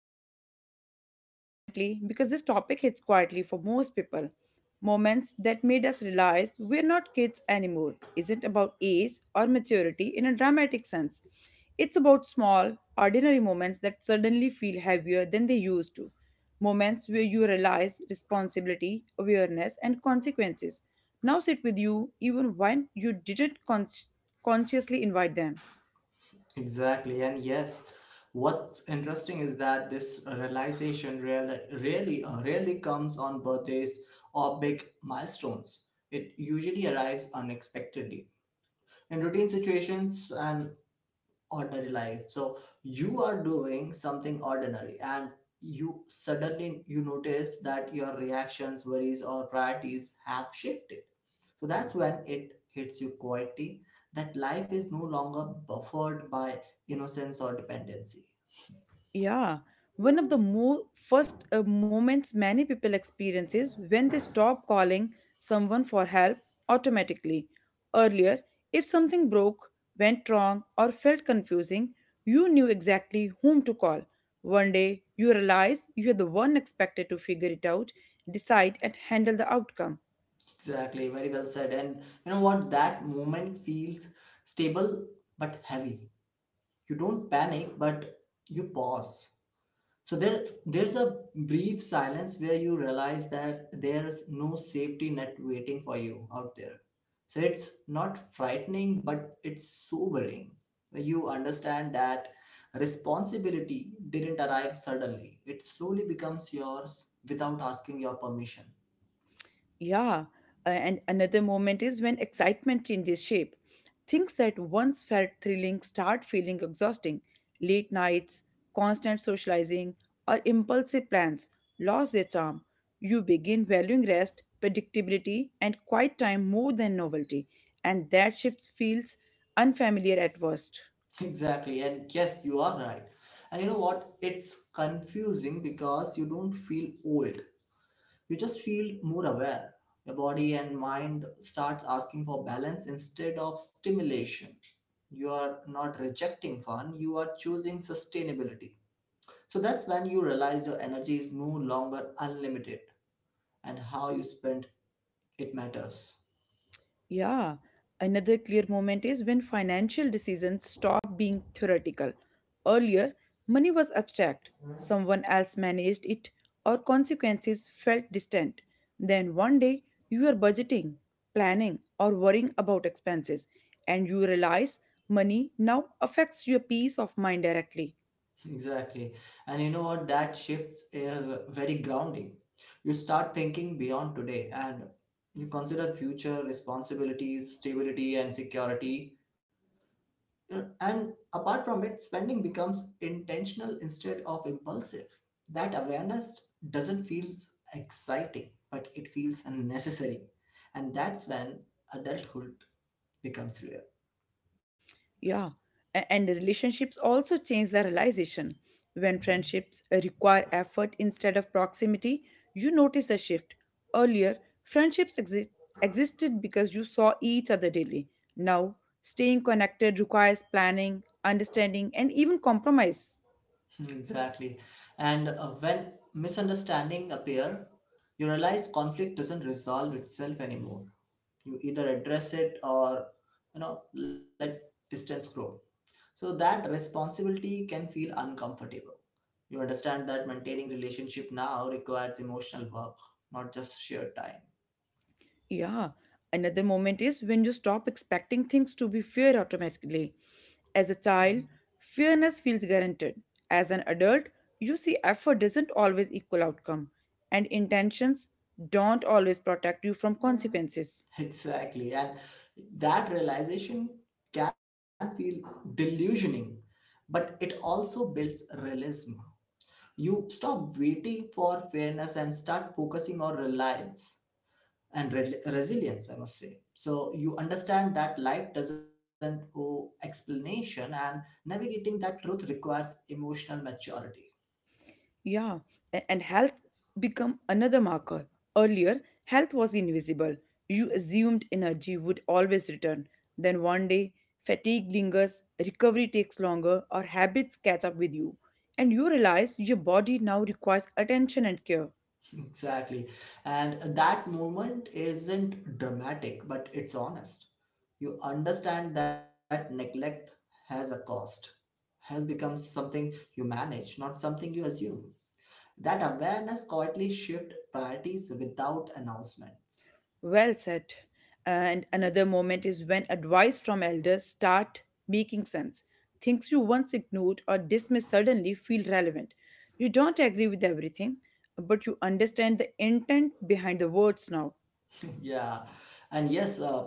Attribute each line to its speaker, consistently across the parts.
Speaker 1: Let's begin this conversation gently because this topic hits quietly for most people. Moments that made us realize we're not kids anymore isn't about age or maturity in a dramatic sense. It's about small, ordinary moments that suddenly feel heavier than they used to. Moments where you realize responsibility, awareness, and consequences now sit with you even when you didn't consciously invite them.
Speaker 2: Exactly, and yes, what's interesting is that this realization rarely comes on birthdays or big milestones. It usually arrives unexpectedly in routine situations and ordinary life. So you are doing something ordinary and you suddenly you notice that your reactions, worries, or priorities have shifted. So that's when it hits you quietly that life is no longer buffered by innocence or dependency.
Speaker 1: Yeah, one of the first moments many people experience is when they stop calling someone for help automatically. Earlier, if something broke, went wrong, or felt confusing, you knew exactly whom to call. One day, you realize you are the one expected to figure it out, decide, and handle the outcome.
Speaker 2: Exactly, very well said. And you know what? That moment feels stable but heavy. You don't panic, but you pause. So there's a brief silence where you realize that there's no safety net waiting for you out there. So it's not frightening, but it's sobering. You understand that responsibility didn't arrive suddenly. It slowly becomes yours without asking your permission.
Speaker 1: Yeah, and another moment is when excitement changes shape. Things that once felt thrilling start feeling exhausting. Late nights, constant socializing, or impulsive plans lose their charm. You begin valuing rest, predictability, and quiet time more than novelty, and that shift feels unfamiliar at first.
Speaker 2: Exactly. And yes, you are right. And you know what? It's confusing because you don't feel old. You just feel more aware. Your body and mind starts asking for balance instead of stimulation. You are not rejecting fun, you are choosing sustainability. So that's when you realize your energy is no longer unlimited and how you spend it matters.
Speaker 1: Yeah, another clear moment is when financial decisions stop being theoretical. Earlier, money was abstract, someone else managed it, or consequences felt distant. Then one day, you are budgeting, planning, or worrying about expenses, and you realize money now affects your peace of mind directly.
Speaker 2: Exactly. And you know what? That shift is very grounding. You start thinking beyond today and you consider future responsibilities, stability, and security. Yeah, and apart from it, spending becomes intentional instead of impulsive. That awareness doesn't feel exciting, but it feels necessary. And that's when adulthood becomes real.
Speaker 1: Yeah, and the relationships also change the realization. When
Speaker 2: Mhm.
Speaker 1: friendships require effort instead of proximity, you notice a shift. Earlier, friendships existed because you saw each other daily. Now, staying connected requires planning, understanding, and even compromise.
Speaker 2: Exactly. And when misunderstanding appear, you realize conflict doesn't resolve itself anymore. You either address it or let distance grow. So that responsibility can feel uncomfortable. You understand that maintaining relationship now requires emotional work, not just sheer time.
Speaker 1: Yeah, another moment is when you stop expecting things to be fair automatically. As a child, fairness feels guaranteed. As an adult, you see effort doesn't always equal outcome, and intentions don't always protect you from consequences.
Speaker 2: Exactly. And that realization can feel delusioning, but it also builds realism. You stop waiting for fairness and start focusing on reliance and resilience, I must say. So you understand that life doesn't owe explanation, and navigating that truth requires emotional maturity.
Speaker 1: Yeah, and health become another marker. Earlier, health was invisible. You assumed energy would always return. Then one day, fatigue lingers, recovery takes longer, or habits catch up with you, and you realize your body now requires attention and care.
Speaker 2: Exactly. And that moment isn't dramatic, but it's honest. You understand that neglect has a cost, has become something you manage, not something you assume. That awareness quietly shift priorities without announcements.
Speaker 1: Well said. And another moment is when advice from elders start making sense. Things you once ignored or dismissed suddenly feel relevant. You don't agree with everything, but you understand the intent behind the words now.
Speaker 2: Yeah. And yes,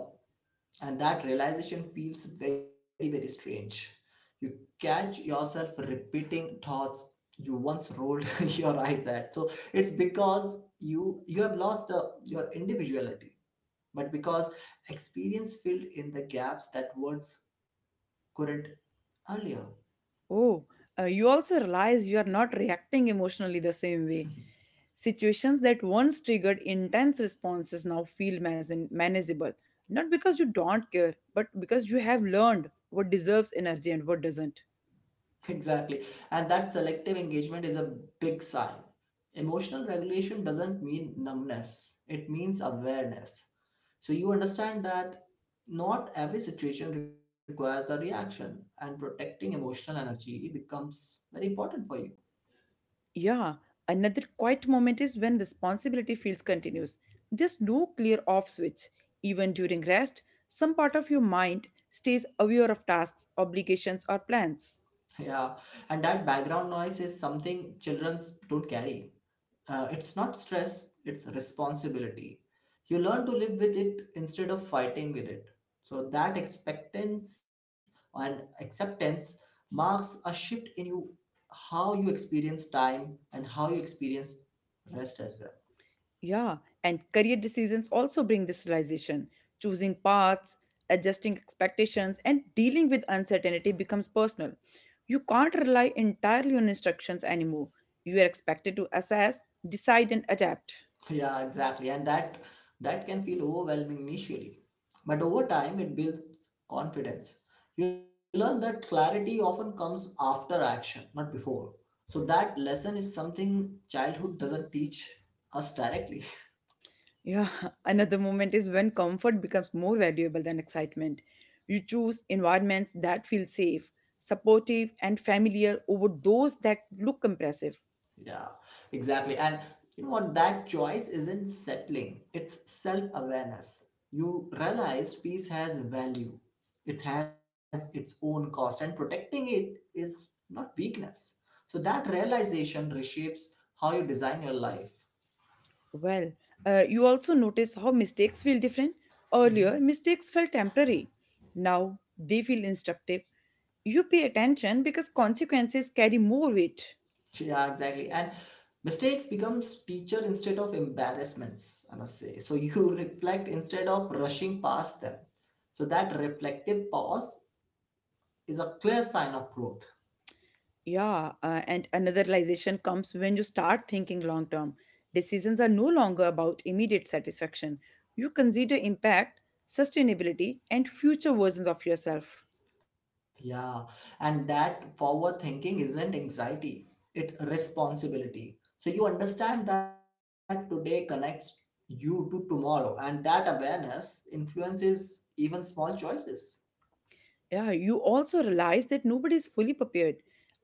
Speaker 2: and that realization feels very strange. You catch yourself repeating thoughts you once rolled your eyes at. So it's because you have lost your individuality, but because experience filled in the gaps that words couldn't earlier.
Speaker 1: Oh, you also realize you are not reacting emotionally the same way. Situations that once triggered intense responses now feel manageable, not because you don't care, but because you have learned what deserves energy and what doesn't.
Speaker 2: Exactly. And that selective engagement is a big sign. Emotional regulation doesn't mean numbness, it means awareness. So you understand that not every situation requires a reaction, and protecting emotional energy becomes very important for you.
Speaker 1: Yeah, another quiet moment is when responsibility feels continuous. There's no clear off switch. Even during rest, some part of your mind stays aware of tasks, obligations, or plans.
Speaker 2: Yeah, and that background noise is something children don't carry. It's not stress, it's responsibility. You learn to live with it instead of fighting with it. So that expectance and acceptance marks a shift in you, how you experience time and how you experience rest as well.
Speaker 1: Yeah, and career decisions also bring this realization. Choosing paths, adjusting expectations, and dealing with uncertainty becomes personal. You can't rely entirely on instructions anymore. You are expected to assess, decide, and adapt.
Speaker 2: Yeah, exactly. And that can feel overwhelming initially. But over time it builds confidence. You learn that clarity often comes after action, not before. So that lesson is something childhood doesn't teach us directly.
Speaker 1: Yeah, another moment is when comfort becomes more valuable than excitement. You choose environments that feel safe, supportive, and familiar over those that look impressive.
Speaker 2: Yeah, exactly. And you know what? That choice isn't settling, it's self awareness. You realize peace has value, it has its own cost, and protecting it is not weakness. So that realization reshapes how you design your life.
Speaker 1: Well, you also notice how mistakes feel different. Earlier, mistakes felt temporary. Now, they feel instructive. You pay attention because consequences carry more weight.
Speaker 2: Yeah, exactly. And mistakes becomes teacher instead of embarrassments, I must say. So you reflect instead of rushing past them. So that reflective pause is a clear sign of growth.
Speaker 1: Yeah, and another realization comes when you start thinking long term. Decisions are no longer about immediate satisfaction. You consider impact, sustainability, and future versions of yourself.
Speaker 2: Yeah, and that forward thinking isn't anxiety, it responsibility. So you understand that today connects you to tomorrow, and that awareness influences even small choices.
Speaker 1: Yeah, you also realize that nobody is fully prepared.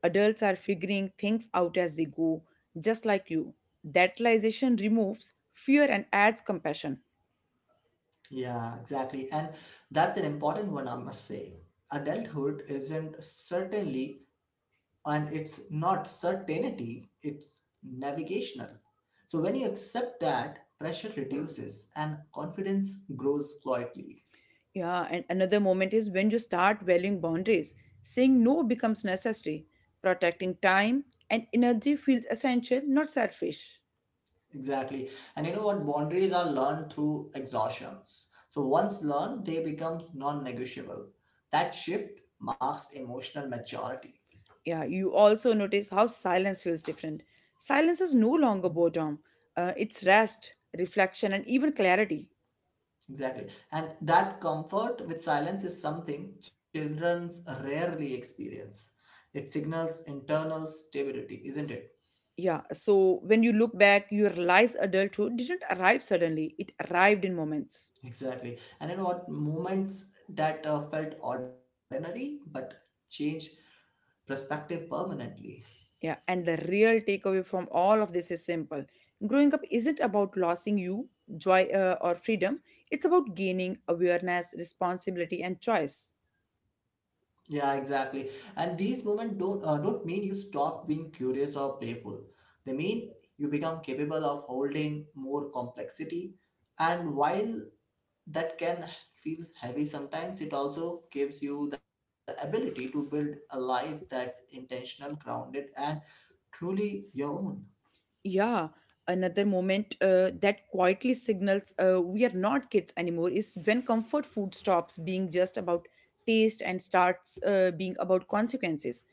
Speaker 1: Adults are figuring things out as they go, just like you. That realization removes fear and adds compassion.
Speaker 2: Yeah, exactly. And that's an important one, I must say. Adulthood isn't certainly, and it's not certainty, it's navigational. So when you accept that, pressure reduces and confidence grows quietly.
Speaker 1: Yeah, and another moment is when you start valuing boundaries. Saying no becomes necessary. Protecting time and energy feels essential, not selfish.
Speaker 2: Exactly. And you know what? Boundaries are learned through exhaustions. So once learned, they become non negotiable. That shift marks emotional maturity.
Speaker 1: Yeah, you also notice how silence feels different. Silence is no longer boredom, it's rest, reflection, and even clarity.
Speaker 2: Exactly. And that comfort with silence is something children rarely experience. It signals internal stability, isn't it?
Speaker 1: Yeah, so when you look back, you realize adulthood didn't arrive suddenly, it arrived in moments.
Speaker 2: Exactly. And you know what? Moments that felt ordinary but change perspective permanently.
Speaker 1: Yeah, and the real takeaway from all of this is simple: growing up isn't about losing you, joy, or freedom, it's about gaining awareness, responsibility, and choice.
Speaker 2: Yeah, exactly. And these moments don't mean you stop being curious or playful. They mean you become capable of holding more complexity. And while that can feel heavy sometimes, it also gives you the ability to build a life that's intentional, grounded, and truly your own.
Speaker 1: Yeah, another moment that quietly signals we are not kids anymore is when comfort food stops being just about taste and starts being about consequences.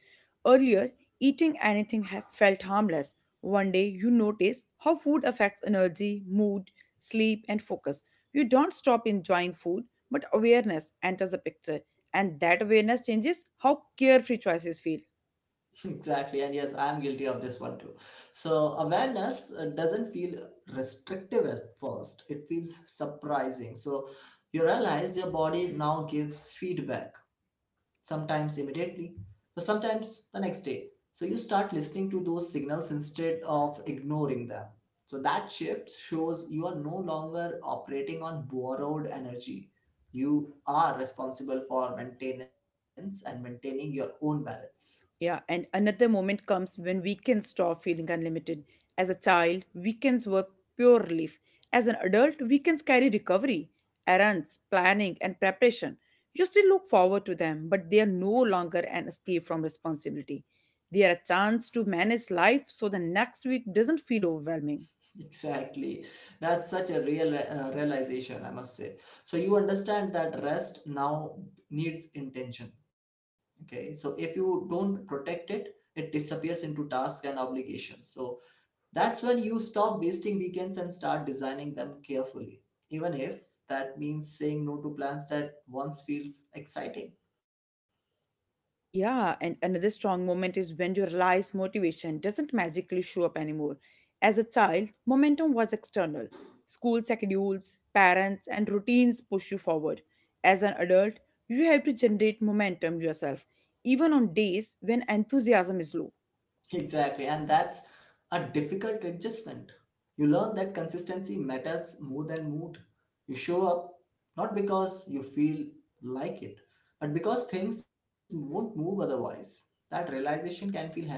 Speaker 1: Earlier, eating anything felt harmless. One day, you notice how food affects energy, mood, sleep, and focus. You don't stop enjoying food, but awareness enters the picture, and that awareness changes how carefree choices feel.
Speaker 2: Exactly, and yes, I am guilty of this one too. So, awareness doesn't feel restrictive at first, it feels surprising. So, you realize your body now gives feedback, sometimes immediately, so sometimes the next day. So, you start listening to those signals instead of ignoring them. So, that shift shows you are no longer operating on borrowed energy. You are responsible for maintenance and maintaining your own balance.
Speaker 1: Yeah, and another moment comes when weekends stop feeling unlimited. As a child, weekends were pure relief. As an adult, weekends carry recovery, errands, planning, and preparation. You still look forward to them, but they are no longer an escape from responsibility. They are a chance to manage life so the next week doesn't feel overwhelming.
Speaker 2: Exactly. That's such a real realization, I must say. So you understand that rest now needs intention. Okay. So if you don't protect it, it disappears into tasks and obligations. So that's when you stop wasting weekends and start designing them carefully, even if that means saying no to plans that once feels exciting.
Speaker 1: Yeah, and another strong moment is when you realize motivation doesn't magically show up anymore. As a child, momentum was external. School schedules, parents, and routines push you forward. As an adult, you have to generate momentum yourself, even on days when enthusiasm is low.
Speaker 2: Exactly, and that's a difficult adjustment. You learn that consistency matters more than mood. You show up not because you feel like it, but because things won't move otherwise. That realization can feel heavy,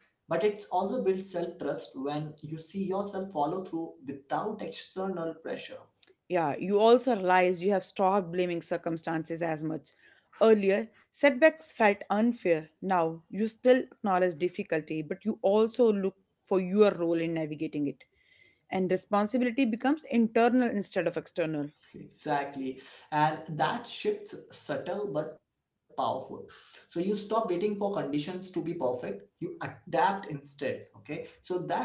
Speaker 2: but it also builds self trust when you see yourself follow through without external pressure.
Speaker 1: Yeah, you also realize you have stopped blaming circumstances as much. Earlier, setbacks felt unfair. Now, you still acknowledge difficulty, but you also look for your role in navigating it. And responsibility becomes internal instead of external.
Speaker 2: Exactly. And that shift's subtle but powerful. So you stop waiting for conditions to be perfect. You adapt instead. Okay. So that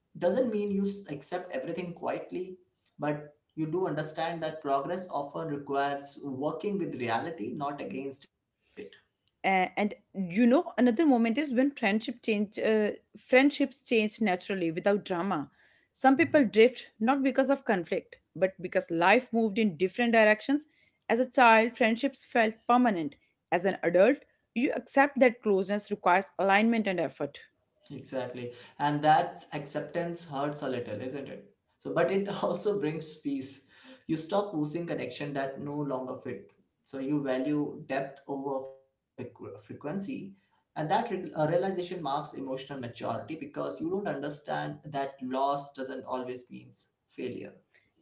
Speaker 2: doesn't mean you accept everything quietly, but you do understand that progress often requires working with reality, not against it.
Speaker 1: And you know another moment is when friendships change naturally without drama. Some people
Speaker 2: Mm-hmm.
Speaker 1: drift not because of conflict but because life moved in different directions. As a child, friendships felt permanent. As an adult, you accept that closeness requires alignment and effort.
Speaker 2: Exactly. And that acceptance hurts a little, isn't it? So, but it also brings peace. You stop losing connection that no longer fit. So you value depth over frequency. And that realization marks emotional maturity because you don't understand that loss doesn't always means failure.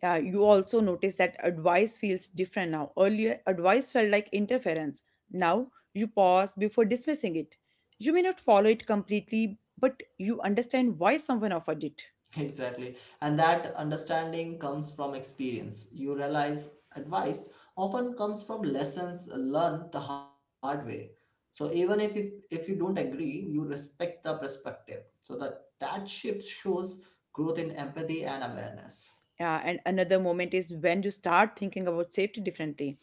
Speaker 1: You also notice that advice feels different now. Earlier, advice felt like interference. Now, you pause before dismissing it. You may not follow it completely, but you understand why someone offered it.
Speaker 2: Exactly. And that understanding comes from experience. You realize advice often comes from lessons learned the hard way. So even if you don't agree, you respect the perspective. So that shift shows growth in empathy and awareness.
Speaker 1: And another moment is when you start thinking about safety differently.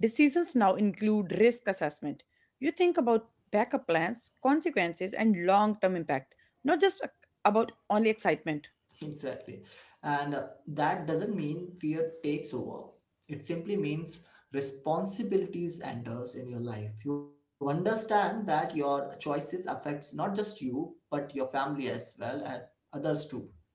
Speaker 1: Decisions now include risk assessment. You think about backup plans, consequences, and long term impact, not just about only excitement.
Speaker 2: Exactly. And that doesn't mean fear takes over. It simply means responsibilities enters in your life. You understand that your choices affects not just you, but your family as well and others too.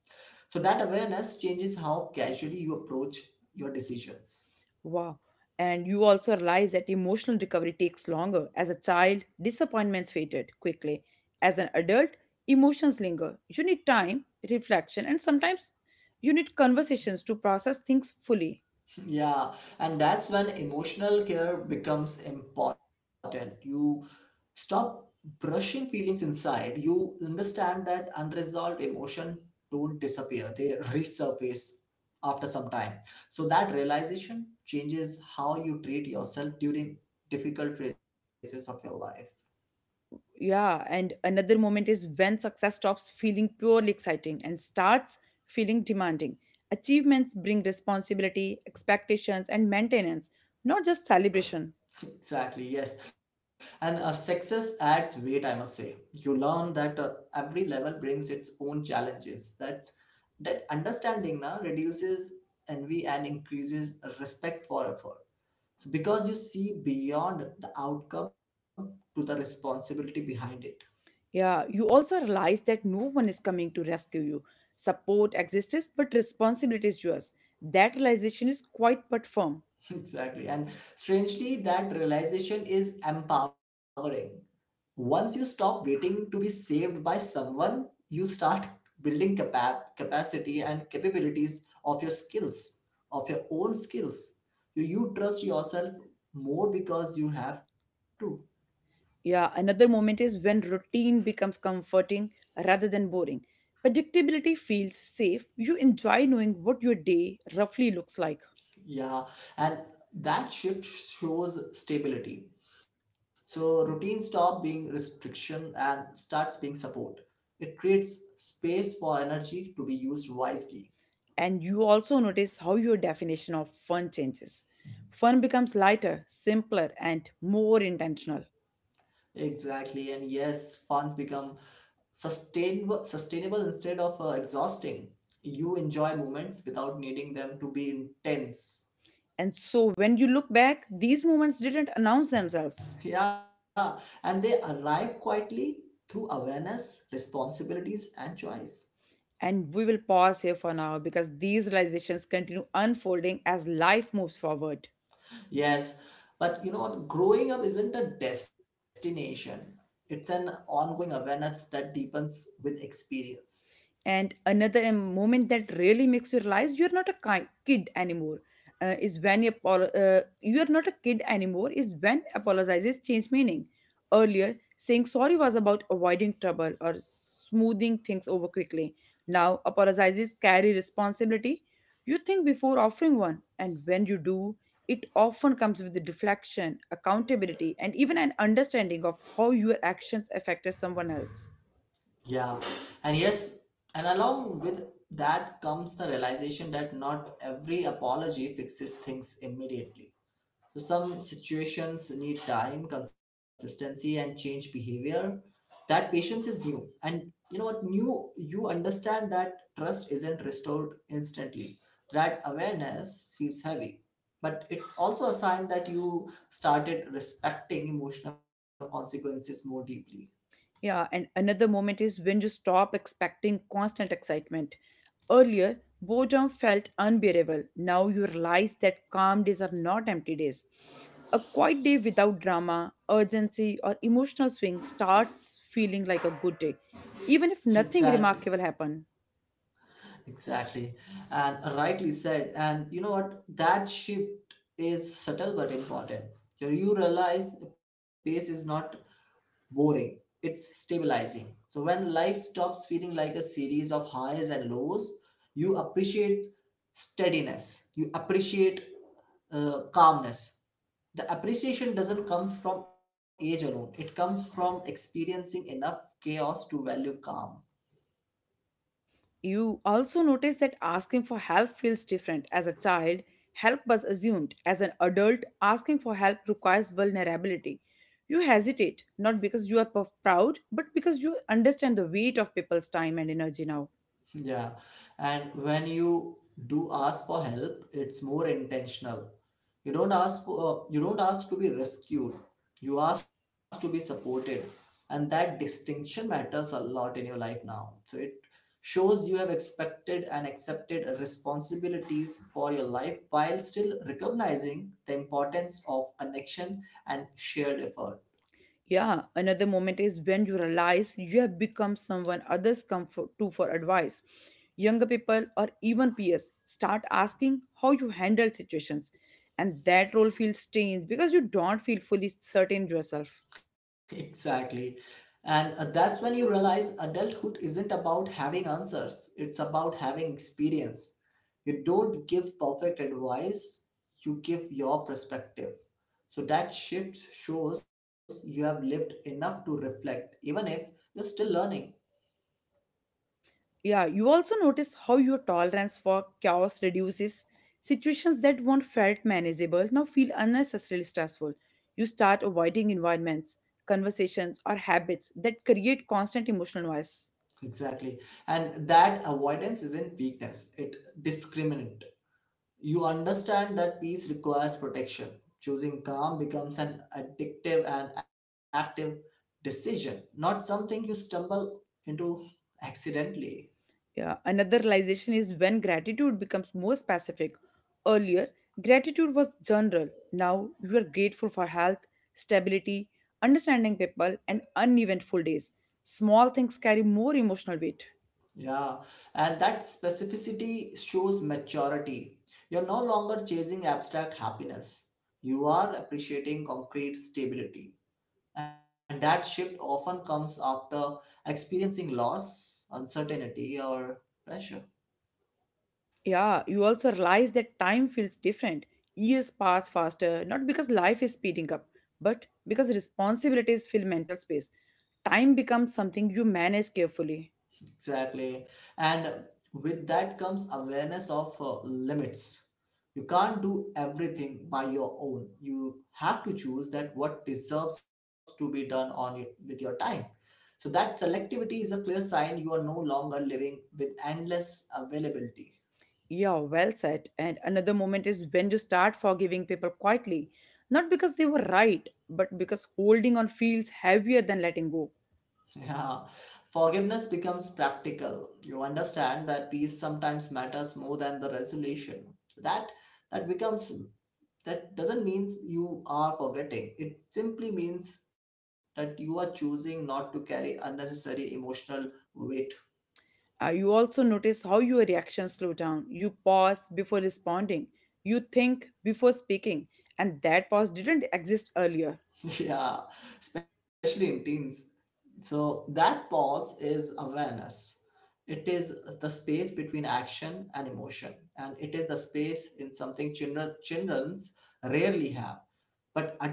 Speaker 2: So that awareness changes how casually you approach your decisions.
Speaker 1: Wow. And you also realize that emotional recovery takes longer. As a child, disappointments faded quickly. As an adult, emotions linger. You need time, reflection, and sometimes you need conversations to process things fully.
Speaker 2: Yeah, and that's when emotional care becomes important. You stop brushing feelings inside. You understand that unresolved emotion don't disappear. They resurface after some time. So that realization changes how you treat yourself during difficult phases of your life.
Speaker 1: Yeah, and another moment is when success stops feeling purely exciting and starts feeling demanding. Achievements bring responsibility, expectations, and maintenance, not just celebration.
Speaker 2: Exactly, yes. And success adds weight, I must say. You learn that every level brings its own challenges. That understanding now reduces envy and increases respect for effort. So because you see beyond the outcome to the responsibility behind it.
Speaker 1: Yeah, you also realize that no one is coming to rescue you. Support exists, but responsibility is yours. That realization is quite but firm.
Speaker 2: Exactly. And strangely, that realization is empowering. Once you stop waiting to be saved by someone, you start building capacity and capabilities of your skills, of your own skills. You trust yourself more because you have to.
Speaker 1: Yeah, another moment is when routine becomes comforting rather than boring. Predictability feels safe. You enjoy knowing what your day roughly looks like.
Speaker 2: Yeah, and that shift shows stability. So routine stop being restriction and starts being support. It creates space for energy to be used wisely.
Speaker 1: And you also notice how your definition of fun changes. Fun becomes lighter, simpler, and more intentional.
Speaker 2: Exactly, and yes, funds become sustainable, sustainable instead of exhausting. You enjoy moments without needing them to be intense.
Speaker 1: And so when you look back, these moments didn't announce themselves.
Speaker 2: Yeah, and they arrive quietly through awareness, responsibilities, and choice.
Speaker 1: And we will pause here for now because these realizations continue unfolding as life moves forward.
Speaker 2: Yes, but you know what? Growing up isn't a destination, it's an ongoing awareness that deepens with experience.
Speaker 1: And another em- moment that really makes you realize you're not a ki- kid anymore is when you, apolo- you are not a kid anymore is when apologizes change meaning. Earlier, saying sorry was about avoiding trouble or smoothing things over quickly. Now, apologizes carry responsibility. You think before offering one, and when you do, it often comes with the deflection, accountability, and even an understanding of how your actions affected someone else.
Speaker 2: Yeah, and yes, and along with that comes the realization that not every apology fixes things immediately. So some situations need time, consistency, and change behavior. That patience is new, and you know what? New, you understand that trust isn't restored instantly. That awareness feels heavy, but it's also a sign that you started respecting emotional consequences more deeply.
Speaker 1: Yeah, and another moment is when you stop expecting constant excitement. Earlier, boredom felt unbearable. Now you realize that calm days are not empty days. A quiet day without drama, urgency, or emotional swing starts feeling like a good day, even if
Speaker 2: Exactly,
Speaker 1: nothing remarkable happened.
Speaker 2: exactly, and rightly said. And you know what? That shift is subtle but important. So you realize pace is not boring, it's stabilizing. So when life stops feeling like a series of highs and lows, you appreciate steadiness, you appreciate calmness. The appreciation doesn't comes from age alone. It comes from experiencing enough chaos to value calm.
Speaker 1: You also notice that asking for help feels different. As a child, help was assumed. As an adult, asking for help requires vulnerability. You hesitate, not because you are proud, but because you understand the weight of people's time and energy now.
Speaker 2: Yeah, and when you do ask for help, it's more intentional. You don't ask for, you don't ask to be rescued. You ask to be supported, and that distinction matters a lot in your life now. So it shows you have expected and accepted responsibilities for your life while still recognizing the importance of connection and shared effort.
Speaker 1: Yeah, another moment is when you realize you have become someone others come to for advice. Younger people or even peers start asking how you handle situations, and that role feels strange because you don't feel fully certain yourself.
Speaker 2: Exactly. And that's when you realize adulthood isn't about having answers, it's about having experience. You don't give perfect advice, you give your perspective. So that shift shows you have lived enough to reflect, even if you're still learning.
Speaker 1: Yeah, you also notice how your tolerance for chaos reduces. Situations that once felt manageable now feel unnecessarily stressful. You start avoiding environments, conversations, or habits that create constant emotional noise.
Speaker 2: Exactly. And that avoidance isn't weakness, it discriminant. You understand that peace requires protection. Choosing calm becomes an addictive and active decision, not something you stumble into accidentally.
Speaker 1: Yeah, another realization is when gratitude becomes more specific. Earlier, gratitude was general. Now, you are grateful for health, stability, understanding people, and uneventful days. Small things carry more emotional weight.
Speaker 2: Yeah, and that specificity shows maturity. You're no longer chasing abstract happiness, you are appreciating concrete stability. And that shift often comes after experiencing loss, uncertainty, or pressure.
Speaker 1: Yeah, you also realize that time feels different. Years pass faster, not because life is speeding up, but because responsibilities fill mental space. Time becomes something you manage carefully.
Speaker 2: Exactly. And with that comes awareness of limits. You can't do everything by your own. You have to choose that what deserves to be done on your, with your time. So that selectivity is a clear sign you are no longer living with endless availability.
Speaker 1: Yeah, well said. And another moment is when you start forgiving people quietly, not because they were right, but because holding on feels heavier than letting go.
Speaker 2: Yeah. Forgiveness becomes practical. You understand that peace sometimes matters more than the resolution. That that becomes That doesn't mean you are forgetting. It simply means that you are choosing not to carry unnecessary emotional weight.
Speaker 1: You also notice how your reactions slow down. You pause before responding. You think before speaking. And that pause didn't exist earlier.
Speaker 2: Yeah, especially in teens. So that pause is awareness. It is the space between action and emotion. And it is the space in something children's rarely have.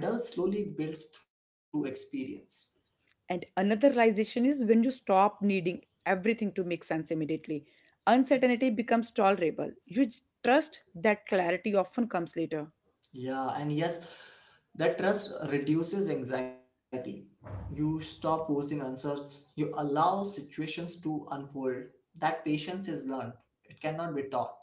Speaker 2: But adults slowly builds through experience.
Speaker 1: And another realization is when you stop needing everything to make sense immediately. Uncertainty becomes tolerable. You trust that clarity often comes later.
Speaker 2: Yeah, and yes, that trust reduces anxiety. You stop forcing answers, you allow situations to unfold. That patience is learned. It cannot be taught.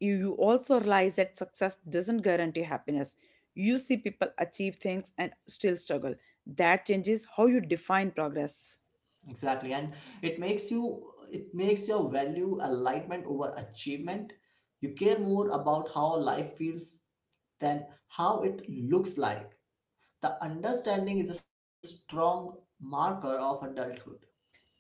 Speaker 1: You also realize that success doesn't guarantee happiness. You see people achieve things and still struggle. That changes how you define progress.
Speaker 2: Exactly. And it makes you it makes your value alignment over achievement. You care more about how life feels than how it looks like. The understanding is a strong marker of adulthood.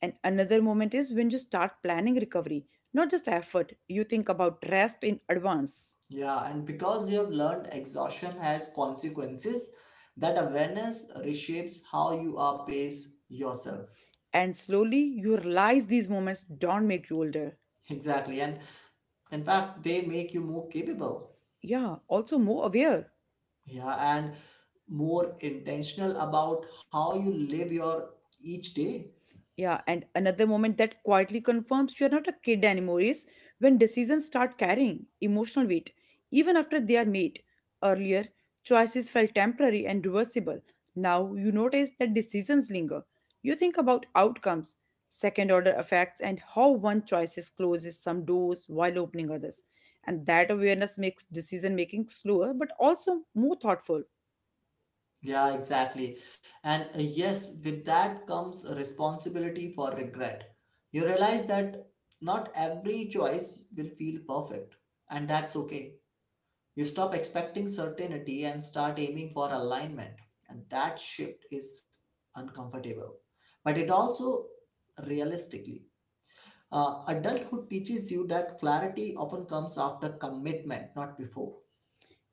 Speaker 1: And another moment is when you start planning recovery, not just effort, you think about rest in advance.
Speaker 2: Yeah, and because you have learned exhaustion has consequences, that awareness reshapes how you are pace yourself.
Speaker 1: And slowly you realize these moments don't make you older.
Speaker 2: Exactly. And in fact, they make you more capable.
Speaker 1: Yeah, also more aware.
Speaker 2: Yeah, and more intentional about how you live your each day.
Speaker 1: Yeah, and another moment that quietly confirms you're not a kid anymore is when decisions start carrying emotional weight, even after they are made. Earlier, choices felt temporary and reversible. Now you notice that decisions linger. You think about outcomes, second order effects, and how one choice closes some doors while opening others. And that awareness makes decision making slower but also more thoughtful.
Speaker 2: Yeah, exactly. And yes, with that comes a responsibility for regret. You realize that not every choice will feel perfect, and that's okay. You stop expecting certainty and start aiming for alignment. And that shift is uncomfortable. But it also realistically, adulthood teaches you that clarity often comes after commitment, not before.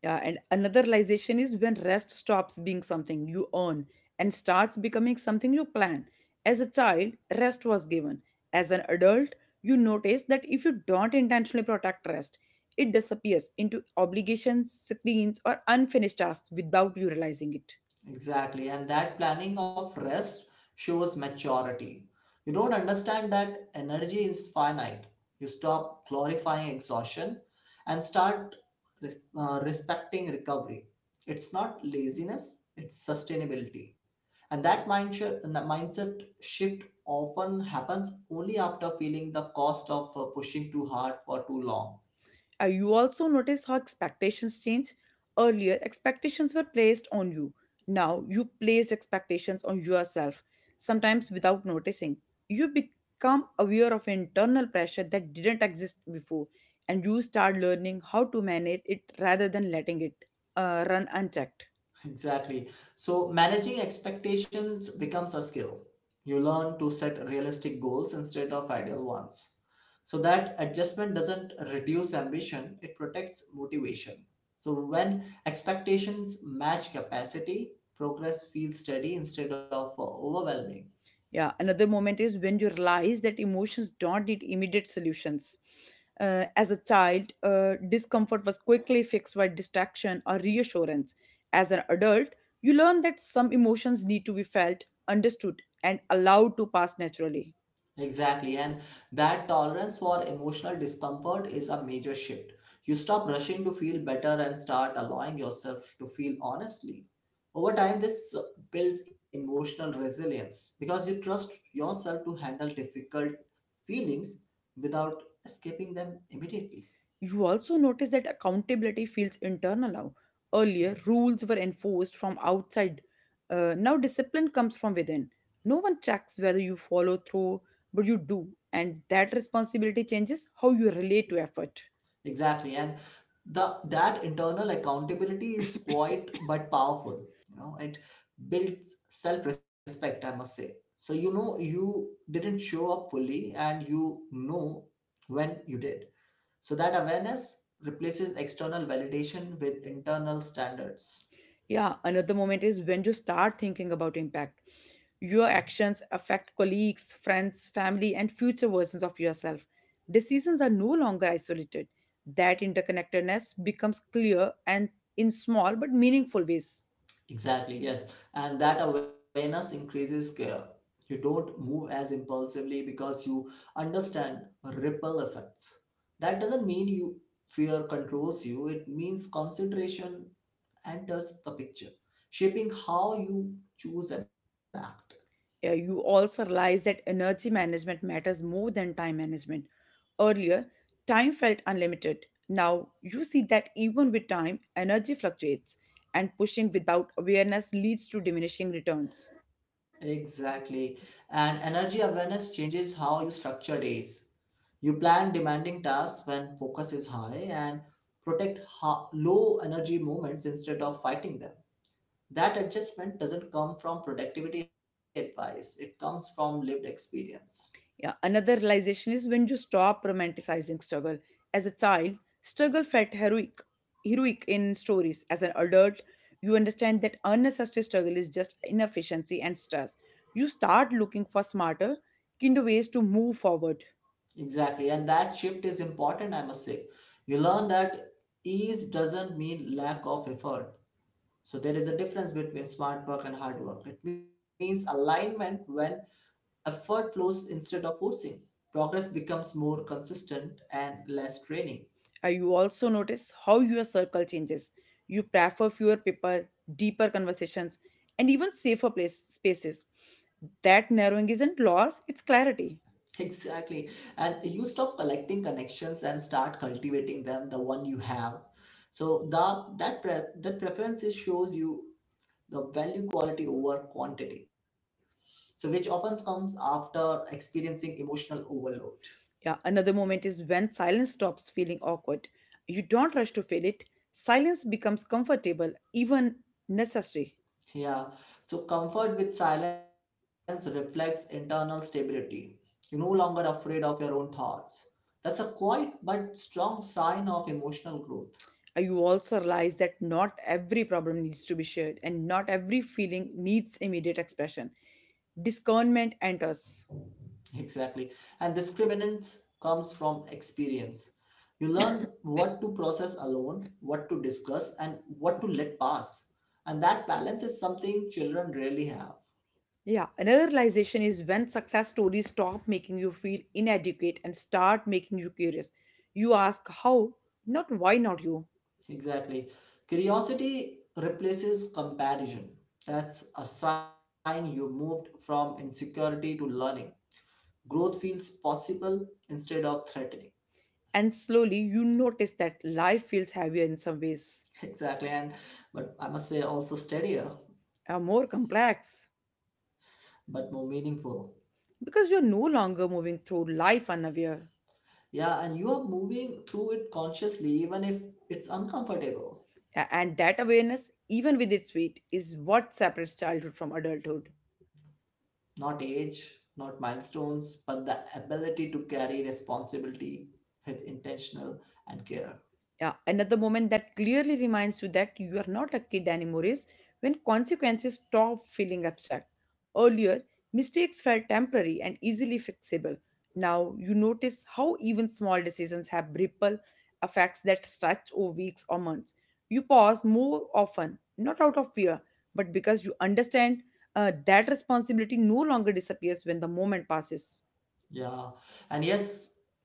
Speaker 1: Yeah, and another realization is when rest stops being something you earn and starts becoming something you plan. As a child, rest was given. As an adult, you notice that if you don't intentionally protect rest, it disappears into obligations, screens, or unfinished tasks without you realizing it.
Speaker 2: Exactly. And that planning of rest shows maturity. You don't understand that energy is finite. You stop glorifying exhaustion and start respecting recovery. It's not laziness, it's sustainability. And that mindset shift often happens only after feeling the cost of pushing too hard for too long.
Speaker 1: You also notice how expectations change. Earlier, expectations were placed on you. Now, you placed expectations on yourself, sometimes without noticing. You become aware of internal pressure that didn't exist before, and you start learning how to manage it rather than letting it run unchecked.
Speaker 2: Exactly. So managing expectations becomes a skill. You learn to set realistic goals instead of ideal ones. So that adjustment doesn't reduce ambition, it protects motivation. So when expectations match capacity, progress feels steady instead of overwhelming.
Speaker 1: Yeah, another moment is when you realize that emotions don't need immediate solutions. As a child, discomfort was quickly fixed by distraction or reassurance. As an adult, you learn that some emotions need to be felt, understood, and allowed to pass naturally.
Speaker 2: Exactly, and that tolerance for emotional discomfort is a major shift. You stop rushing to feel better and start allowing yourself to feel honestly. Over time, this builds emotional resilience because you trust yourself to handle difficult feelings without escaping them immediately.
Speaker 1: You also notice that accountability feels internal now. Earlier,
Speaker 2: Mhm.
Speaker 1: rules were enforced from outside. Now, discipline comes from within. No one checks whether you follow through, but you do. And that responsibility changes how you relate to effort.
Speaker 2: Exactly. And the that internal accountability is quiet but powerful. You know, it builds self-respect, I must say. So you know you didn't show up fully and you know when you did. So that awareness replaces external validation with internal standards.
Speaker 1: Yeah, another moment is when you start thinking about impact. Your actions affect colleagues, friends, family, and future versions of yourself. Decisions are no longer isolated. That interconnectedness becomes clear and in small but meaningful ways.
Speaker 2: Exactly, yes. And that awareness increases care. You don't move as impulsively because you understand ripple effects. That doesn't mean you fear controls you, it means consideration enters the picture, shaping how you choose and act.
Speaker 1: Yeah, you also realize that energy management matters more than time management. Earlier, time felt unlimited. Now, you see that even with time, energy fluctuates, and pushing without awareness leads to diminishing returns.
Speaker 2: Exactly. And energy awareness changes how you structure days. You plan demanding tasks when focus is high and protect low energy moments instead of fighting them. That adjustment doesn't come from productivity advice, it comes from lived experience.
Speaker 1: Yeah, another realization is when you stop romanticizing struggle. As a child, struggle felt heroic, heroic in stories. As an adult, you understand that unnecessary struggle is just inefficiency and stress. You start looking for smarter, kinder ways to move forward.
Speaker 2: Exactly, and that shift is important, I must say. You learn that ease doesn't mean lack of effort. So, there is a difference between smart work and hard work. It means alignment when effort flows instead of forcing. Progress becomes more consistent and less draining.
Speaker 1: You also notice how your circle changes. You prefer fewer people, deeper conversations, and even safer spaces. That narrowing isn't loss, it's clarity.
Speaker 2: Exactly. And you stop collecting connections and start cultivating them, the one you have. So the that pre- that preferences shows you the value quality over quantity. So which often comes after experiencing emotional overload.
Speaker 1: Yeah, another moment is when silence stops feeling awkward. You don't rush to fill it. Silence becomes comfortable, even necessary.
Speaker 2: Yeah. So comfort with silence reflects internal stability. You're no longer afraid of your own thoughts. That's a quiet but strong sign of emotional growth.
Speaker 1: You also realize that not every problem needs to be shared and not every feeling needs immediate expression. Discernment enters.
Speaker 2: Exactly. And discriminants comes from experience. You learn what to process alone, what to discuss, and what to let pass. And that balance is something children rarely have.
Speaker 1: Yeah, another realization is when success stories stop making you feel inadequate and start making you curious. You ask how, not why not you.
Speaker 2: Exactly. Curiosity replaces comparison. That's a sign you moved from insecurity to learning. Growth feels possible instead of threatening.
Speaker 1: And slowly you notice that life feels heavier in some ways.
Speaker 2: Exactly. And but I must say also steadier,
Speaker 1: Are more complex
Speaker 2: but more meaningful.
Speaker 1: because you're no longer moving through life unaware.
Speaker 2: Yeah, and you are moving through it consciously, even if it's uncomfortable.
Speaker 1: And that awareness, even with its weight, is what separates childhood from adulthood.
Speaker 2: Not age, not milestones, but the ability to carry responsibility with intentional and care.
Speaker 1: Yeah, another moment that clearly reminds you that you are not a kid anymore is when consequences stop feeling abstract. Earlier, mistakes felt temporary and easily fixable. Now you notice how even small decisions have ripple effects that stretch over weeks or months. You pause more often, not out of fear, but because you understand that responsibility no longer disappears when the moment passes.
Speaker 2: Yeah. And yes,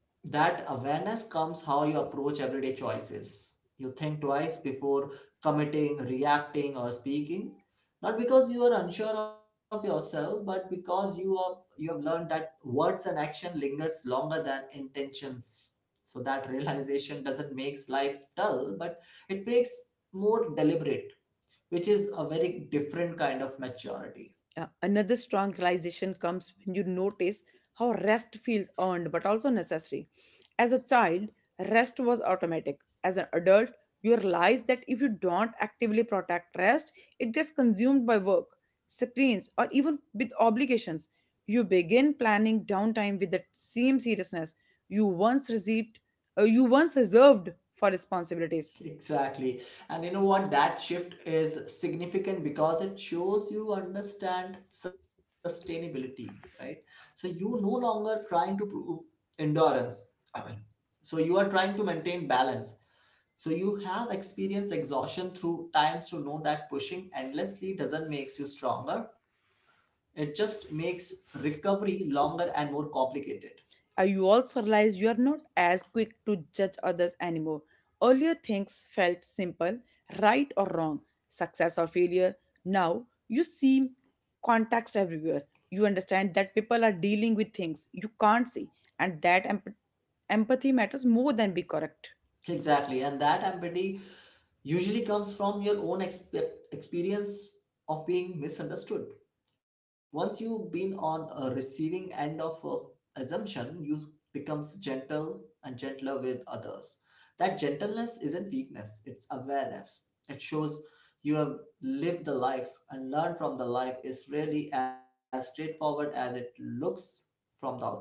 Speaker 2: that awareness comes how you approach everyday choices. You think twice before committing, reacting, or speaking. Not because you are unsure of yourself, but because you have learned that words and action lingers longer than intentions. So that realization doesn't make life dull, but it makes more deliberate, which is a very different kind of maturity.
Speaker 1: Another strong realization comes when you notice how rest feels earned but also necessary. As a child, rest was automatic. As an adult, you realize that if you don't actively protect rest, it gets consumed by work, screens, or even with obligations. You begin planning downtime with the same seriousness you once received, you once reserved for responsibilities.
Speaker 2: Exactly. And you know what? That shift is significant because it shows you understand sustainability, right? So you no longer trying to prove endurance. I mean, so you are trying to maintain balance. So you have experienced exhaustion through times to know that pushing endlessly doesn't makes you stronger. It just makes recovery longer and more complicated.
Speaker 1: You also realize you are not as quick to judge others anymore. Earlier, things felt simple right or wrong, success or failure. Now, you see context everywhere. You understand that people are dealing with things you can't see, and that empathy matters more than be correct.
Speaker 2: Exactly, and that empathy usually comes from your own experience of being misunderstood. Once you've been on a receiving end of a assumption, you becomes gentle and gentler with others. That gentleness isn't weakness; it's awareness. It shows you have lived the life and learned from the life is really as straightforward as it looks from the outside.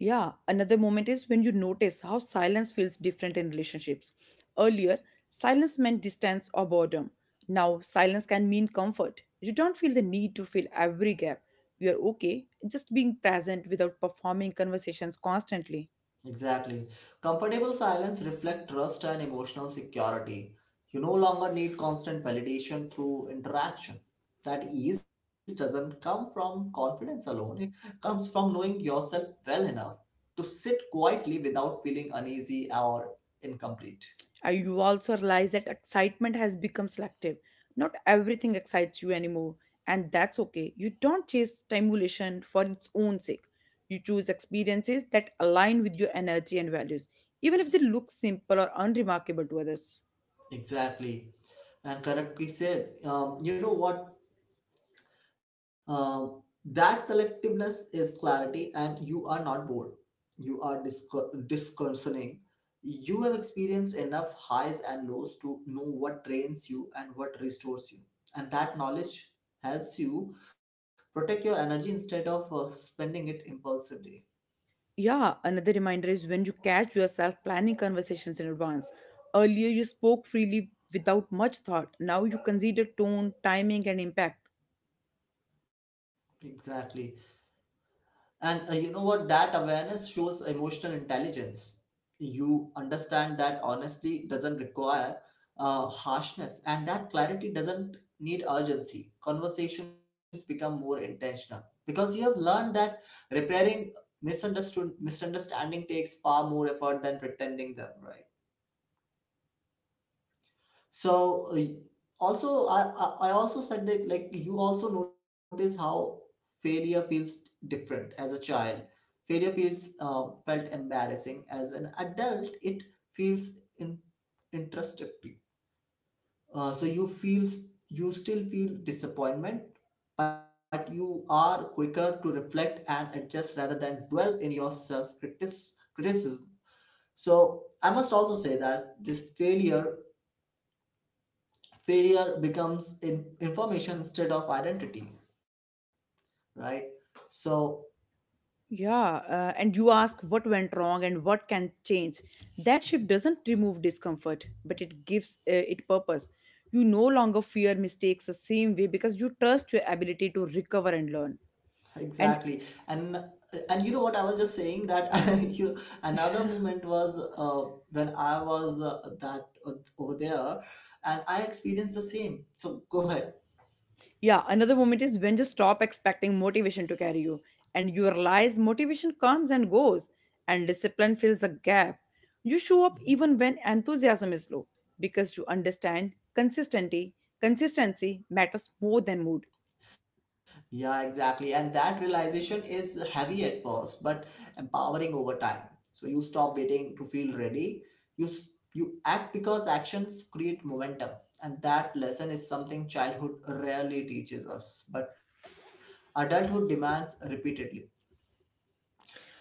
Speaker 1: Yeah, another moment is when you notice how silence feels different in relationships. Earlier, silence meant distance or boredom. Now, silence can mean comfort. You don't feel the need to fill every gap. You are okay just being present without performing conversations constantly.
Speaker 2: Exactly. Comfortable silence reflect trust and emotional security. You no longer need constant validation through interaction. That ease doesn't come from confidence alone. It comes from knowing yourself well enough to sit quietly without feeling uneasy or incomplete.
Speaker 1: You also realize that excitement has become selective. Not everything excites you anymore, and that's okay. You don't chase stimulation for its own sake. You choose experiences that align with your energy and values, even if they look simple or unremarkable to others.
Speaker 2: Exactly. And correctly said, you know what? Uh, that selectiveness is clarity, and you are not bored. You are disconcerning. You have experienced enough highs and lows to know what drains you and what restores you. And that knowledge helps you protect your energy instead of spending it impulsively.
Speaker 1: Yeah, another reminder is when you catch yourself planning conversations in advance. Earlier, you spoke freely without much thought. Now you consider tone, timing, and impact.
Speaker 2: Exactly. And you know what? That awareness shows emotional intelligence. You understand that honesty doesn't require harshness, and that clarity doesn't need urgency. Conversations become more intentional because you have learned that repairing misunderstood misunderstanding takes far more effort than pretending them right. So also I also said that like you also notice how failure feels different as a child. Failure feels felt embarrassing. As an adult, it feels introspective. So you still feel disappointment, but you are quicker to reflect and adjust rather than dwell in your self criticism. So I must also say that this failure becomes in information instead of identity, right? So
Speaker 1: Yeah, and you ask what went wrong and what can change. That shift doesn't remove discomfort, but it gives it purpose. You no longer fear mistakes the same way because you trust your ability to recover and learn.
Speaker 2: exactly.
Speaker 1: And
Speaker 2: And and you know what I was just saying that you another moment was when I was that over there and I experienced the same, so go ahead.
Speaker 1: Yeah, another moment is when you stop expecting motivation to carry you and you realize motivation comes and goes and discipline fills the gap. You show up even when enthusiasm is low because you understand consistency matters more than mood.
Speaker 2: Yeah, exactly. And that realization is heavy at first, but empowering over time. So you stop waiting to feel ready. You act because actions create momentum. And that lesson is something childhood rarely teaches us, but adulthood demands repeatedly.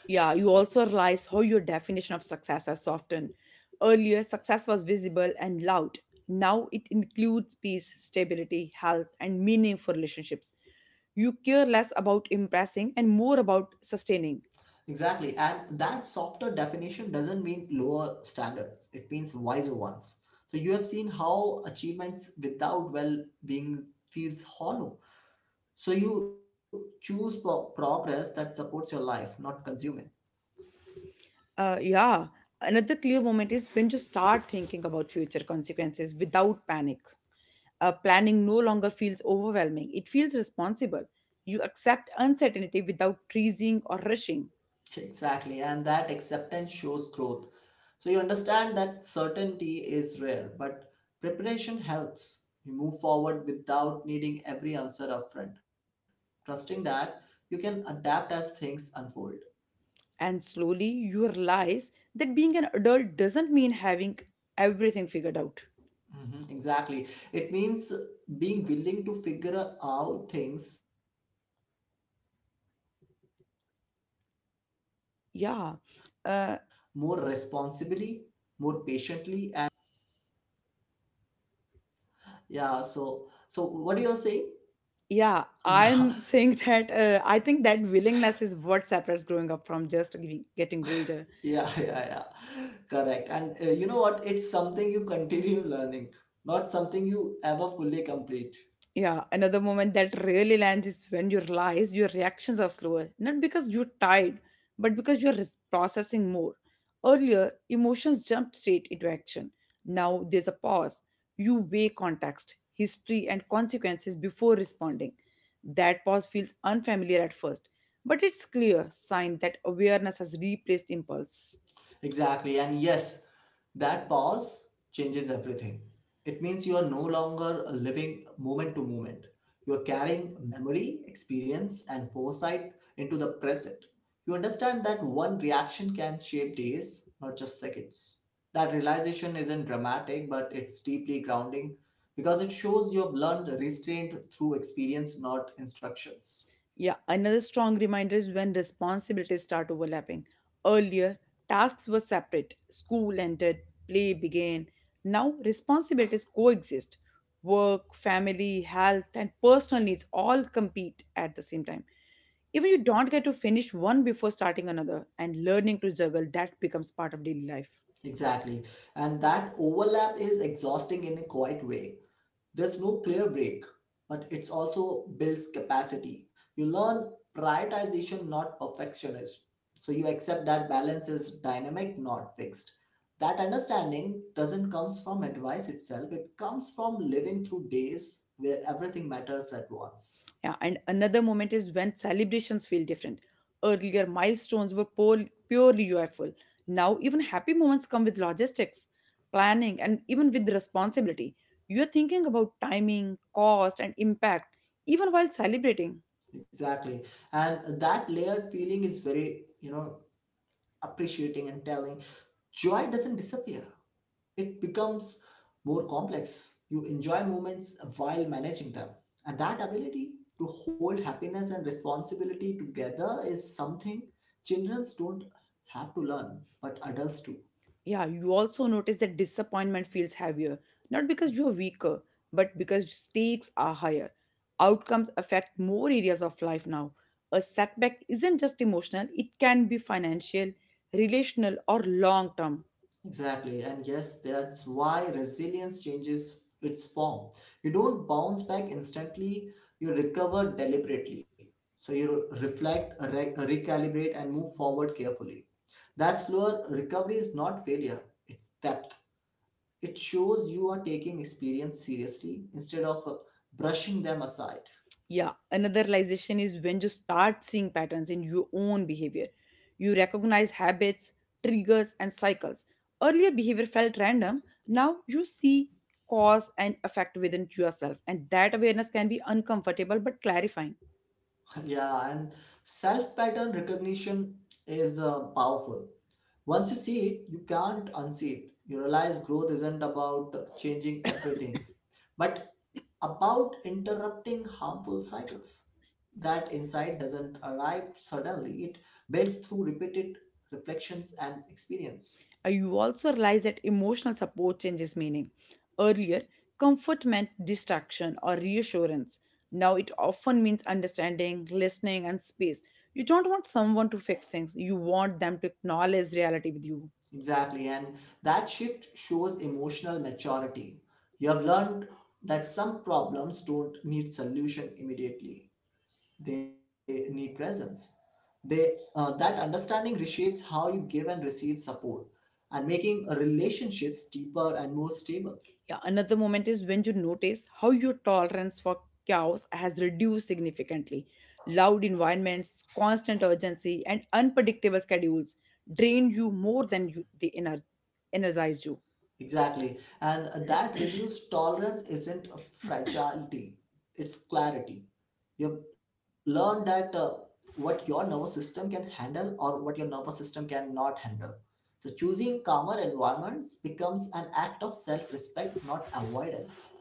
Speaker 2: S-
Speaker 1: Yeah, you also realize how your definition of success has softened. Earlier, success was visible and loud. Now it includes peace, stability, health, and meaningful relationships. You care less about impressing and more about sustaining.
Speaker 2: exactly. And that softer definition doesn't mean lower standards. It means wiser ones. So you have seen how achievements without well being feels hollow. So you choose progress that supports your life, not consuming.
Speaker 1: Uh, yeah, Another clear moment is when you start thinking about future consequences without panic. Planning no longer feels overwhelming, it feels responsible. You accept uncertainty without freezing or rushing.
Speaker 2: Exactly, and that acceptance shows growth. So you understand that certainty is rare, but preparation helps. You move forward without needing every answer upfront, trusting that you can adapt as things unfold.
Speaker 1: And slowly you realize that being an adult doesn't mean having everything figured out.
Speaker 2: Mhm. Exactly. It means being willing to figure out things more responsibly, more patiently, and with awareness, even
Speaker 1: Yeah.
Speaker 2: when it's
Speaker 1: Uh,
Speaker 2: uncomfortable. So what you're saying,
Speaker 1: yeah,
Speaker 2: yeah.
Speaker 1: I'm saying that I think that willingness is what separates growing up from just getting older.
Speaker 2: Yeah, correct. And you know what, it's something you continue learning, not something you ever fully complete.
Speaker 1: Yeah, another moment that really lands is when you realize your reactions are slower, not because you're tired, but because you're processing more. Earlier, emotions jumped straight into action. Now there's a pause. You weigh context, history, and consequences before responding. That pause feels unfamiliar at first, but it's clear sign that awareness has replaced impulse.
Speaker 2: Exactly. And yes, that pause changes everything. It means you are no longer living moment to moment. You are carrying memory, experience, and foresight into the present. You understand that one reaction can shape days, not just seconds. That realization isn't dramatic, but it's deeply grounding because it shows you have learned restraint through experience, not instructions.
Speaker 1: Yeah, another strong reminder is when responsibilities start overlapping. Earlier, tasks were separate. School ended, play began. Now, responsibilities coexist. Work, family, health, and personal needs all compete at the same time. Even you don't get to finish one before starting another, and learning to juggle that becomes part of daily life.
Speaker 2: Exactly. And that overlap is exhausting in a quiet way. There's no clear break, but it's also builds capacity. You learn prioritization, not perfectionism. So you accept that balance is dynamic, not fixed. That understanding doesn't comes from advice itself. It comes from living through days where everything matters at once.
Speaker 1: Yeah, and another moment is when celebrations feel different. Earlier, milestones were purely joyful. Now, even happy moments come with logistics, planning, and even with responsibility. You're thinking about timing, cost, and impact, even while celebrating.
Speaker 2: Exactly. And that layered feeling is very, you know, appreciating and telling. Joy doesn't disappear. It becomes more complex. You enjoy moments while managing them. And that ability to hold happiness and responsibility together is something children don't have to learn, but adults do.
Speaker 1: Yeah, you also notice that disappointment feels heavier, not because you're weaker, but because stakes are higher. Outcomes affect more areas of life now. A setback isn't just emotional, it can be financial, relational, or long term.
Speaker 2: Exactly. And yes, that's why resilience changes its form. You don't bounce back instantly, you recover deliberately. So you reflect, recalibrate, and move forward carefully. That slower recovery is not failure, it's adaptation. It shows you are taking experience seriously instead of brushing them aside.
Speaker 1: Yeah, another realization is when you start seeing patterns in your own behavior. You recognize habits, triggers, and cycles. Earlier, behavior felt random. Now, you see cause and effect within yourself, and that awareness can be uncomfortable but clarifying.
Speaker 2: Yeah, and self pattern recognition is powerful. Once you see it, you can't unsee it. You realize growth isn't about changing everything, but about interrupting harmful cycles. That insight doesn't arrive suddenly, it builds through repeated reflections and experience.
Speaker 1: You also realize that emotional support changes meaning. Earlier, comfort meant distraction or reassurance. Now it often means understanding, listening, and space. You don't want someone to fix things, you want them to acknowledge reality with you.
Speaker 2: Exactly. And that shift shows emotional maturity. You have learned that some problems don't need solution immediately, they need presence. That understanding reshapes how you give and receive support and making relationships deeper and more stable.
Speaker 1: Yeah, another moment is when you notice how your tolerance for chaos has reduced significantly. Loud environments, constant urgency, and unpredictable schedules drain you more than they energize you.
Speaker 2: Exactly. And that reduced tolerance isn't a fragility, it's clarity. You've learned that what your nervous system can handle or what your nervous system cannot handle. So choosing calmer environments becomes an act of self respect, not avoidance.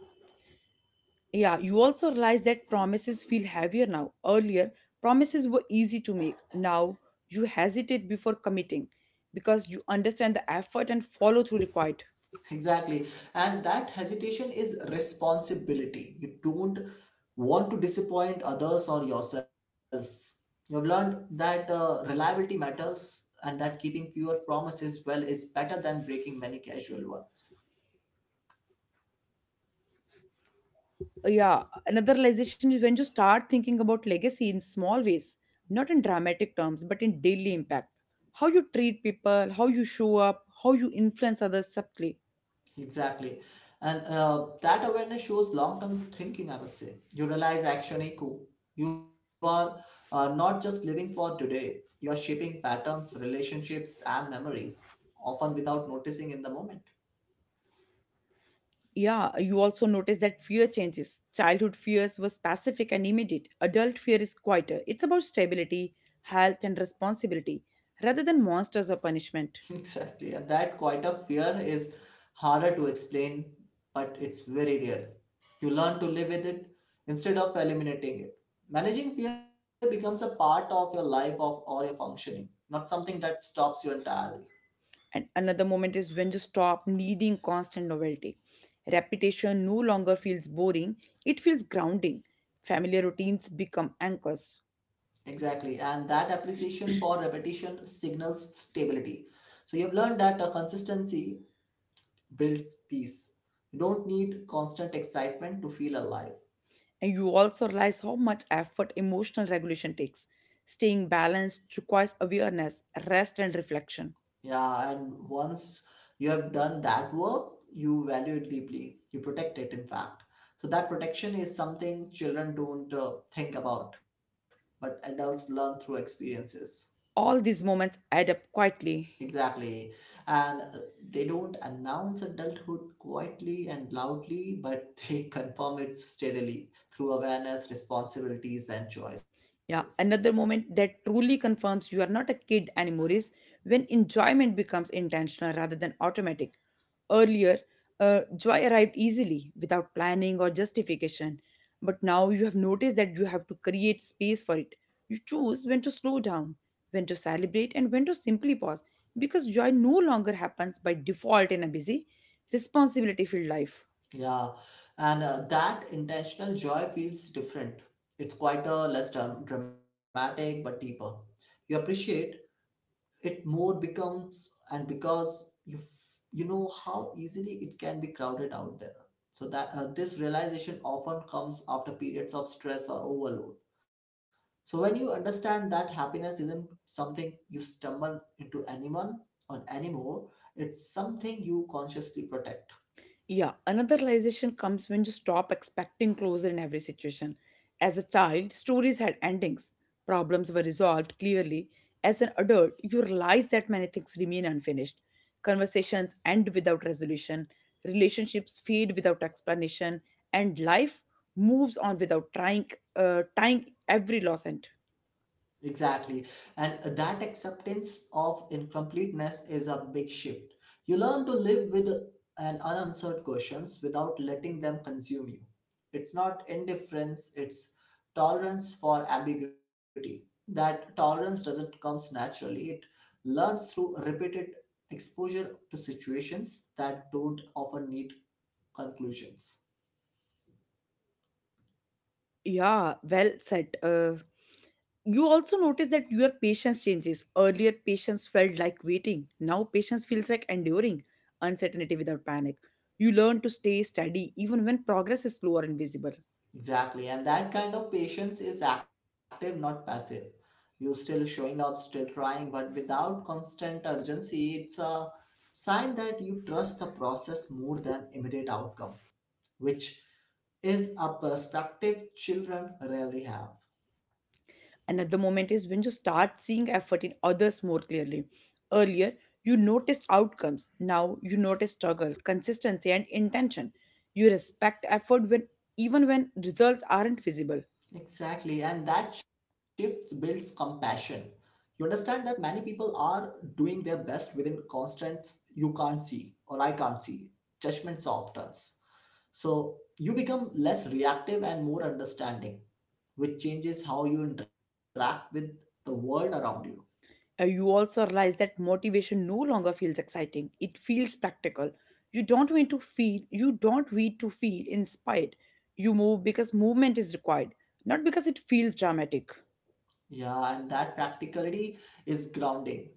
Speaker 1: Yeah, you also realize that promises feel heavier now. Earlier, promises were easy to make. Now, you hesitate before committing because you understand the effort and follow through required.
Speaker 2: Exactly. And that hesitation is responsibility. You don't want to disappoint others or yourself. You've learned that reliability matters and that keeping fewer promises well is better than breaking many casual ones.
Speaker 1: Yeah, another realization is when you start thinking about legacy in small ways, not in dramatic terms, but in daily impact. How you treat people, how you show up, how you influence others subtly.
Speaker 2: Exactly. And that awareness shows long term thinking, I must say. You realize action echo. You are not just living for today, you are shaping patterns, relationships, and memories, often without noticing in the moment.
Speaker 1: Yeah, you also notice that fear changes. Childhood fears were specific and immediate. Adult fear is quieter. It's about stability, health, and responsibility rather than monsters or punishment.
Speaker 2: Exactly. And that quite a fear is harder to explain, but it's very real. You learn to live with it instead of eliminating it. Managing fear becomes a part of your life of or your functioning, not something that stops you entirely.
Speaker 1: And another moment is when you stop needing constant novelty. Repetition no longer feels boring, it feels grounding. Familiar routines become anchors.
Speaker 2: Exactly. And that appreciation for repetition signals stability. So you have learned that a consistency builds peace. You don't need constant excitement to feel alive.
Speaker 1: And you also realize how much effort emotional regulation takes. Staying balanced requires awareness, rest, and reflection.
Speaker 2: Yeah, and once you have done that work, you value it deeply. You protect it, in fact. So that protection is something children don't think about, but adults learn through experiences.
Speaker 1: All these moments add up quietly.
Speaker 2: Exactly. And they don't announce adulthood quietly and loudly, but they confirm it steadily through awareness, responsibilities, and choices.
Speaker 1: Yeah, another moment that truly confirms you are not a kid anymore is when enjoyment becomes intentional rather than automatic. Earlier, joy arrived easily without planning or justification, but now you have noticed that you have to create space for it. You choose when to slow down, when to celebrate, and when to simply pause because joy no longer happens by default in a busy, responsibility filled life.
Speaker 2: Yeah, and that intentional joy feels different. It's quite a less dramatic but deeper. You appreciate it more becomes and because you you know how easily it can be crowded out there. So that this realization often comes after periods of stress or overload. So when you understand that happiness isn't something you stumble into anyone or anymore, it's something you consciously protect.
Speaker 1: Yeah, another realization comes when you stop expecting closure in every situation. As a child, stories had endings, problems were resolved clearly. As an adult, you realize that many things remain unfinished. Conversations end without resolution, relationships fade without explanation, and life moves on without trying, tying every loss end.
Speaker 2: Exactly. And that acceptance of incompleteness is a big shift. You learn to live with an unanswered questions without letting them consume you. It's not indifference, it's tolerance for ambiguity. That tolerance doesn't comes naturally. It learns through repeated exposure to situations that don't often need conclusions.
Speaker 1: Yeah, well said. You also notice that your patience changes. Earlier, patience felt like waiting. Now, patience feels like enduring uncertainty without panic. You learn to stay steady even when progress is slow or invisible.
Speaker 2: Exactly, and that kind of patience is active, not passive. You're still showing up, still trying, but without constant urgency, it's a sign that you trust the process more than immediate outcome, which is a perspective children rarely have.
Speaker 1: Another moment is when you start seeing effort in others more clearly. Earlier, you noticed outcomes. Now you notice struggle, consistency, and intention. You respect effort when even when results aren't visible.
Speaker 2: Exactly, and that shift builds compassion. You understand that many people are doing their best within constant you can't see or I can't see judgments of turns. So you become less reactive and more understanding, which changes how you interact with the world around you.
Speaker 1: You also realize that motivation no longer feels exciting, it feels practical. You don't need to feel inspired. You move because movement is required, not because it feels dramatic.
Speaker 2: Yeah, and that practicality is grounding.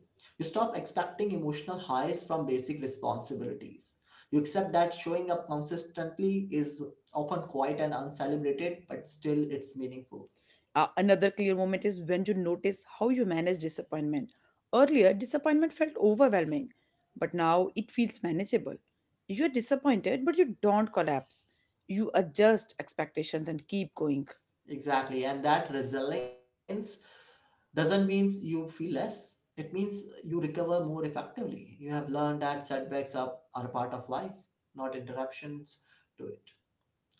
Speaker 2: You stop expecting emotional highs from basic responsibilities. You accept that showing up consistently is often quiet and uncelebrated, but still it's meaningful.
Speaker 1: Another clear moment is when you notice how you manage disappointment. Earlier, disappointment felt overwhelming, but now it feels manageable. You're disappointed, but you don't collapse. You adjust expectations and keep going.
Speaker 2: Exactly. And that resilience doesn't mean you feel less. It means you recover more effectively. You have learned that setbacks are part of life, not interruptions to it.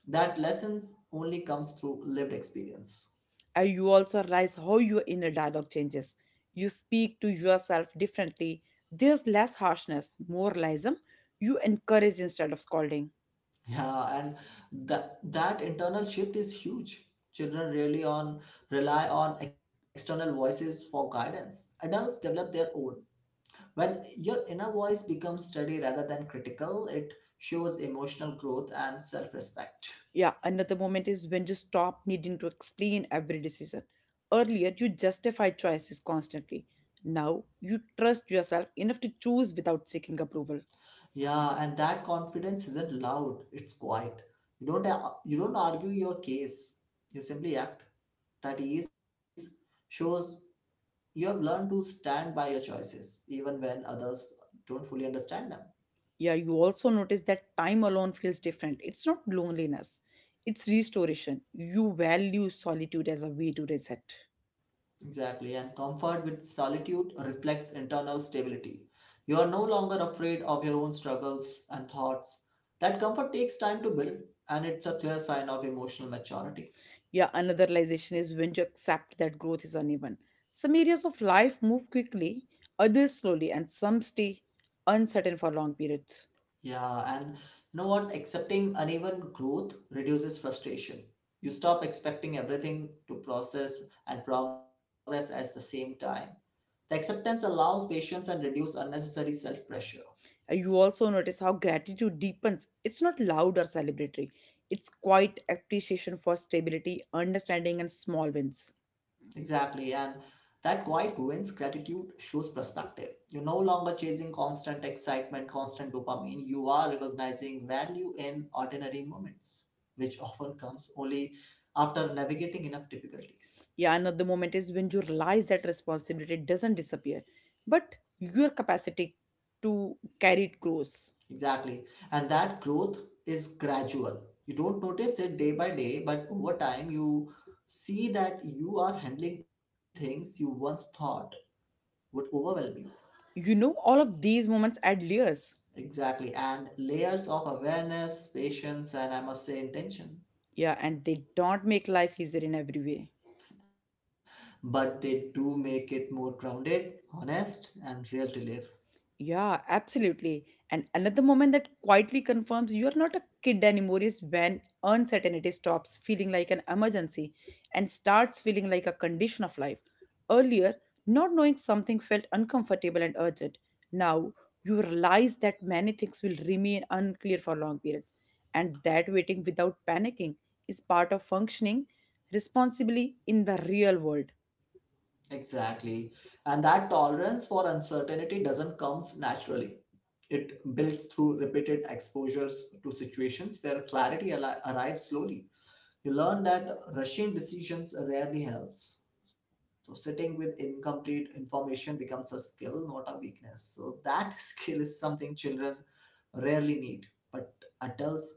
Speaker 2: That lessons only comes through lived experience.
Speaker 1: You also realize how your inner dialogue changes. You speak to yourself differently. There's less harshness, more realism. You encourage instead of scolding.
Speaker 2: Yeah, and that internal shift is huge. Children really on rely on external voices for guidance. Adults develop their own. When your inner voice becomes steady rather than critical, it shows emotional growth and self-respect.
Speaker 1: Yeah, another moment is when you stop needing to explain every decision. Earlier, you justified choices constantly. Now, you trust yourself enough to choose without seeking approval.
Speaker 2: Yeah, and that confidence isn't loud, it's quiet. You don't argue your case. You simply act. That is Shows you have learned to stand by your choices even when others don't fully understand them.
Speaker 1: Yeah, you also notice that time alone feels different. It's not loneliness, it's restoration. You value solitude as a way to reset.
Speaker 2: Exactly, and comfort with solitude reflects internal stability. You are no longer afraid of your own struggles and thoughts. That comfort takes time to build, and it's a clear sign of emotional maturity.
Speaker 1: Yeah, another realization is when you accept that growth is uneven. Some areas of life move quickly, others slowly, and some stay uncertain for long periods.
Speaker 2: Yeah, and you know what? Accepting uneven growth reduces frustration. You stop expecting everything to process and progress at the same time. The acceptance allows patience and reduces unnecessary self pressure.
Speaker 1: You also notice how gratitude deepens. It's not loud or celebratory, it's quite appreciation for stability, understanding, and small wins.
Speaker 2: Exactly, and that quiet wins gratitude shows perspective. You're no longer chasing constant excitement, constant dopamine. You are recognizing value in ordinary moments, which often comes only after navigating enough difficulties.
Speaker 1: Yeah, another moment is when you realize that responsibility doesn't disappear, but your capacity to carry it grows.
Speaker 2: Exactly, and that growth is gradual. You don't notice it day by day, but over time, you see that you are handling things you once thought would overwhelm you.
Speaker 1: You know, all of these moments add layers.
Speaker 2: Exactly. And layers of awareness, patience, and I must say intention.
Speaker 1: Yeah, and they don't make life easier in every way.
Speaker 2: But they do make it more grounded, honest, and real to live.
Speaker 1: Yeah, absolutely. And another moment that quietly confirms you're not a kid anymore is when uncertainty stops feeling like an emergency and starts feeling like a condition of life. Earlier, not knowing something felt uncomfortable and urgent. Now, you realize that many things will remain unclear for long periods, and that waiting without panicking is part of functioning responsibly in the real world.
Speaker 2: Exactly. And that tolerance for uncertainty doesn't comes naturally. It builds through repeated exposures to situations where clarity arrives slowly. You learn that rushing decisions rarely helps. So, sitting with incomplete information becomes a skill, not a weakness. So, that skill is something children rarely need, but adults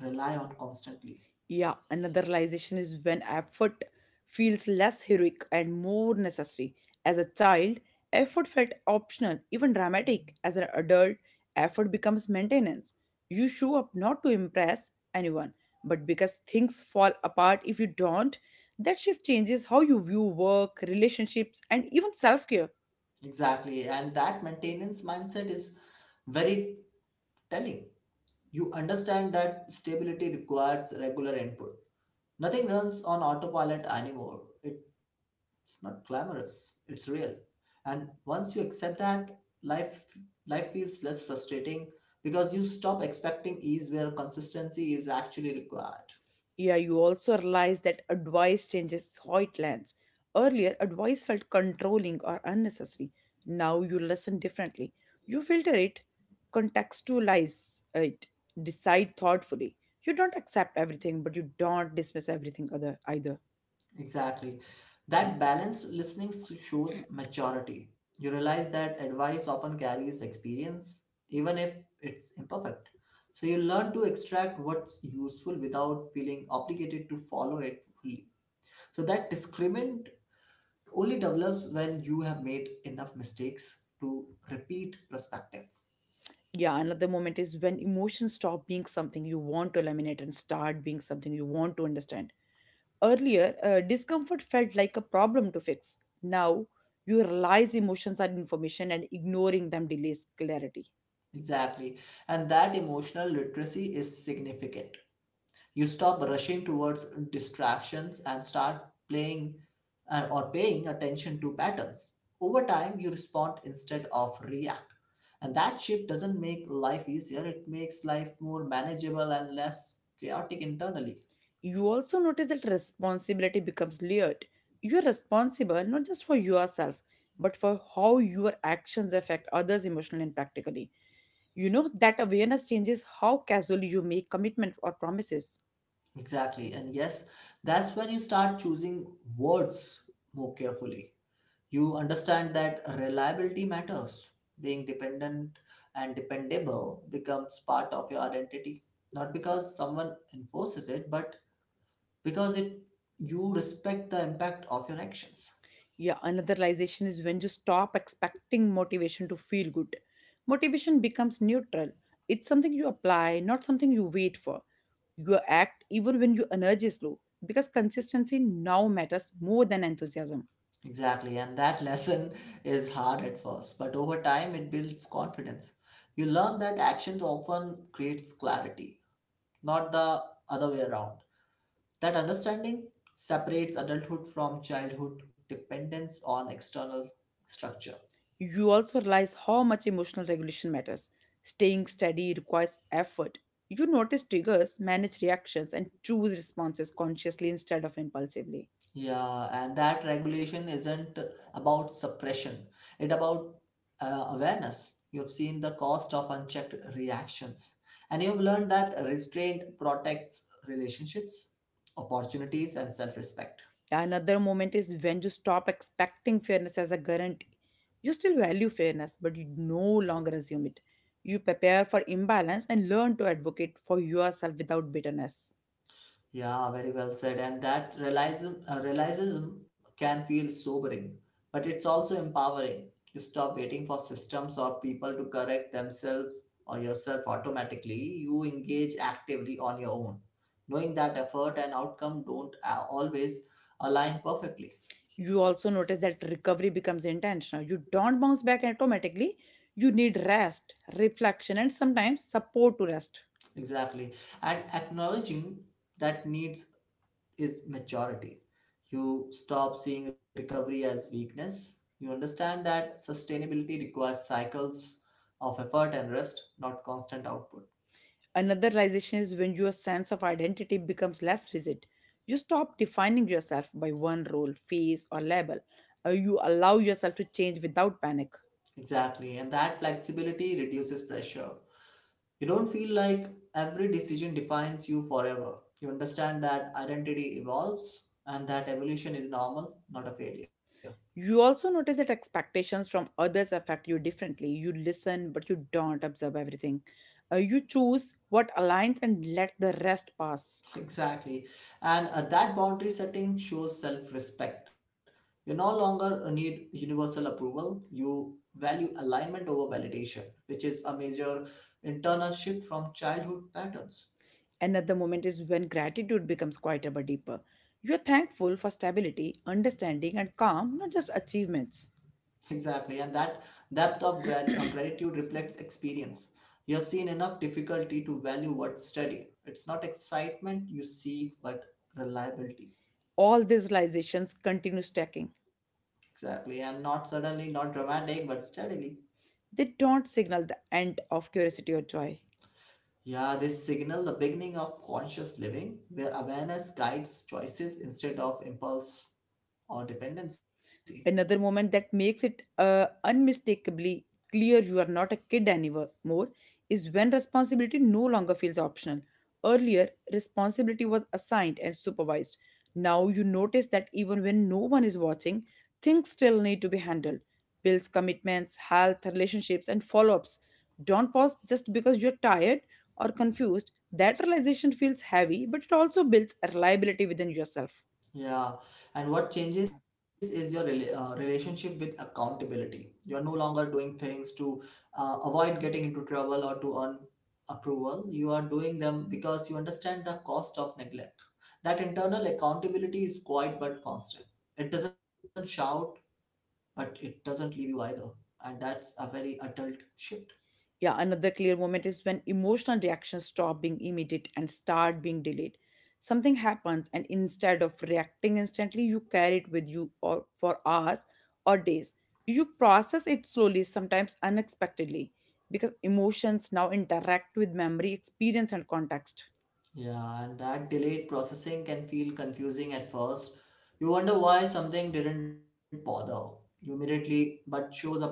Speaker 2: rely on constantly.
Speaker 1: Yeah, another realization is when effort feels less heroic and more necessary. As a child, effort felt optional, even dramatic. As an adult, effort becomes maintenance. You show up not to impress anyone, but because things fall apart if you don't. That shift changes how you view work, relationships, and even self care.
Speaker 2: Exactly. And that maintenance mindset is very telling. You understand that stability requires regular input. Nothing runs on autopilot anymore. It's not glamorous, it's real. And once you accept that, life life feels less frustrating because you stop expecting ease where consistency is actually required.
Speaker 1: Yeah, you also realize that advice changes how it lands. Earlier, advice felt controlling or unnecessary. Now you listen differently. You filter it, contextualize it, decide thoughtfully. You don't accept everything, but you don't dismiss everything other either.
Speaker 2: Exactly. That balanced shows maturity. You realize that advice often carries experience, even if it's imperfect. So you learn to extract what's useful without feeling obligated to follow it fully. So that discriminant only develops when you have made enough mistakes to repeat perspective.
Speaker 1: Yeah, another moment is when emotions stop being something you want to eliminate and start being something you want to understand. Earlier, discomfort felt like a problem to fix. Now, you realize emotions are information, and ignoring them delays clarity.
Speaker 2: Exactly. And that emotional literacy is significant. You stop rushing towards distractions and start playing and or paying attention to patterns. Over time, you respond instead of react. And that shift doesn't make life easier, it makes life more manageable and less chaotic internally.
Speaker 1: You also notice that responsibility becomes layered. You are responsible not just for yourself, but for how your actions affect others emotionally and practically. You know that awareness changes how casually you make commitment or promises.
Speaker 2: Exactly. And yes, that's when you start choosing words more carefully. You understand that reliability matters. Being dependent and dependable becomes part of your identity, not because someone enforces it, but because it you respect the impact of your actions.
Speaker 1: Yeah, another realization is when you stop expecting motivation to feel good. Motivation becomes neutral. It's something you apply, not something you wait for. You act even when your energy is low, because consistency now matters more than enthusiasm.
Speaker 2: Exactly, and that lesson is hard at first, but over time it builds confidence. You learn that actions often creates clarity, not the other way around. That understanding separates adulthood from childhood dependence on external structure.
Speaker 1: You also realize how much emotional regulation matters. Staying steady requires effort. You notice triggers, manage reactions, and choose responses consciously instead of impulsively.
Speaker 2: Yeah, and that regulation isn't about suppression. It about awareness. You've seen the cost of unchecked reactions, and you've learned that restraint protects relationships, opportunities, and self-respect.
Speaker 1: Another moment is when you stop expecting fairness as a guarantee. You still value fairness, but you no longer assume it. You prepare for imbalance and learn to advocate for yourself without bitterness.
Speaker 2: Yeah, very well said. And that realism can feel sobering, but it's also empowering. You stop waiting for systems or people to correct themselves or yourself automatically. You engage actively on your own, knowing that effort and outcome don't always align perfectly.
Speaker 1: You also notice that recovery becomes intentional. You don't bounce back automatically. You need rest, reflection, and sometimes support to rest.
Speaker 2: Exactly. And acknowledging that needs is maturity. You stop seeing recovery as weakness. You understand that sustainability requires cycles of effort and rest, not constant output.
Speaker 1: Another realization is when your sense of identity becomes less rigid. You stop defining yourself by one role, phase, or label. You allow yourself to change without panic.
Speaker 2: Exactly. And that flexibility reduces pressure. You don't feel like every decision defines you forever. You understand that identity evolves and that evolution is normal, not a failure.
Speaker 1: You also notice that expectations from others affect you differently. You listen, but you don't observe everything. You choose what aligns and let the rest pass.
Speaker 2: Exactly. And that boundary setting shows self respect. You no longer need universal approval. You value alignment over validation, which is a major internal shift from childhood patterns.
Speaker 1: Another moment is when gratitude becomes quieter but deeper. You are thankful for stability, understanding, and calm, not just achievements.
Speaker 2: Exactly. And that depth of gratitude reflects experience. You have seen enough difficulty to value what's steady. It's not excitement you seek, but reliability.
Speaker 1: All these realizations continue stacking.
Speaker 2: Exactly. And not suddenly, not dramatic, but steadily.
Speaker 1: They don't signal the end of curiosity or joy.
Speaker 2: Yeah, they signal the beginning of conscious living, where awareness guides choices instead of impulse or dependency.
Speaker 1: Another moment that makes it unmistakably clear you are not a kid anymore is when responsibility no longer feels optional. Earlier, responsibility was assigned and supervised. Now you notice that even when no one is watching, things still need to be handled. Bills, commitments, health, relationships, and follow ups don't pause just because you're tired or confused. That realization feels heavy, but it also builds reliability within yourself.
Speaker 2: Yeah, and what changes is your relationship with accountability. You're no longer doing things to avoid getting into trouble or to earn approval. You are doing them because you understand the cost of neglect. That internal accountability is quiet but constant. It doesn't shout, but it doesn't leave you either. And that's a very adult shift.
Speaker 1: Yeah, another clear moment is when emotional reactions stop being immediate and start being delayed. Something happens, and instead of reacting instantly, you carry it with you or for hours or days. You process it slowly, sometimes unexpectedly, because emotions now interact with memory, experience, and context.
Speaker 2: Yeah, and that delayed processing can feel confusing at first. You wonder why something didn't bother you immediately but shows up later.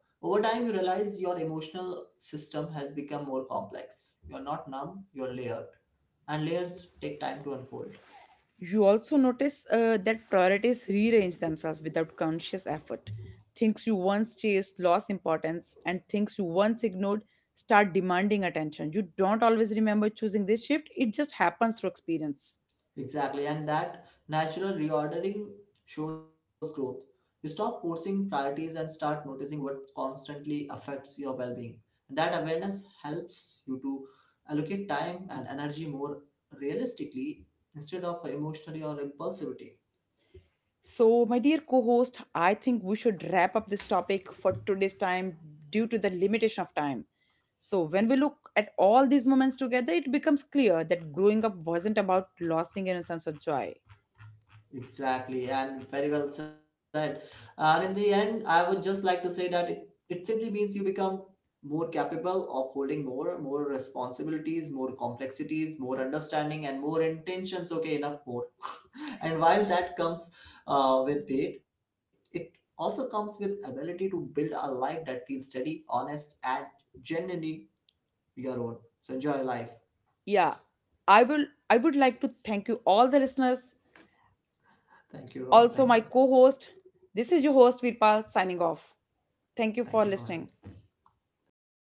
Speaker 2: Over time, you realize your emotional system has become more complex. You're not numb, you're layered, and layers take time to unfold.
Speaker 1: You also notice that priorities rearrange themselves without conscious effort. Things you once chased lost importance, and things you once ignored start demanding attention. You don't always remember choosing this shift, it just happens through experience.
Speaker 2: Exactly, and that natural reordering shows growth. You stop forcing priorities and start noticing what constantly affects your well being. And that awareness helps you to allocate time and energy more realistically instead of emotionally or impulsivity.
Speaker 1: So, my dear co host, I think we should wrap up this topic for today's time due to the limitation of time. So, when we look at all these moments together, it becomes clear that growing up wasn't about losing innocence or joy.
Speaker 2: Exactly, and very well said. And in the end, I would just like to say that it simply means you become more capable of holding more responsibilities, more complexities, more understanding, and more intentions. Okay, enough more. And while that comes with weight, it also comes with ability to build a life that feels steady, honest, and genuinely your own. So enjoy life.
Speaker 1: Yeah, I would like to thank you all the listeners,
Speaker 2: Thank you all.
Speaker 1: also
Speaker 2: Thank
Speaker 1: my
Speaker 2: you.
Speaker 1: co-host. This is your host Virpal signing off.
Speaker 2: Thank
Speaker 1: Thank
Speaker 2: you
Speaker 1: you
Speaker 2: for
Speaker 1: for
Speaker 2: having. Me.
Speaker 1: listening.
Speaker 2: Thank you.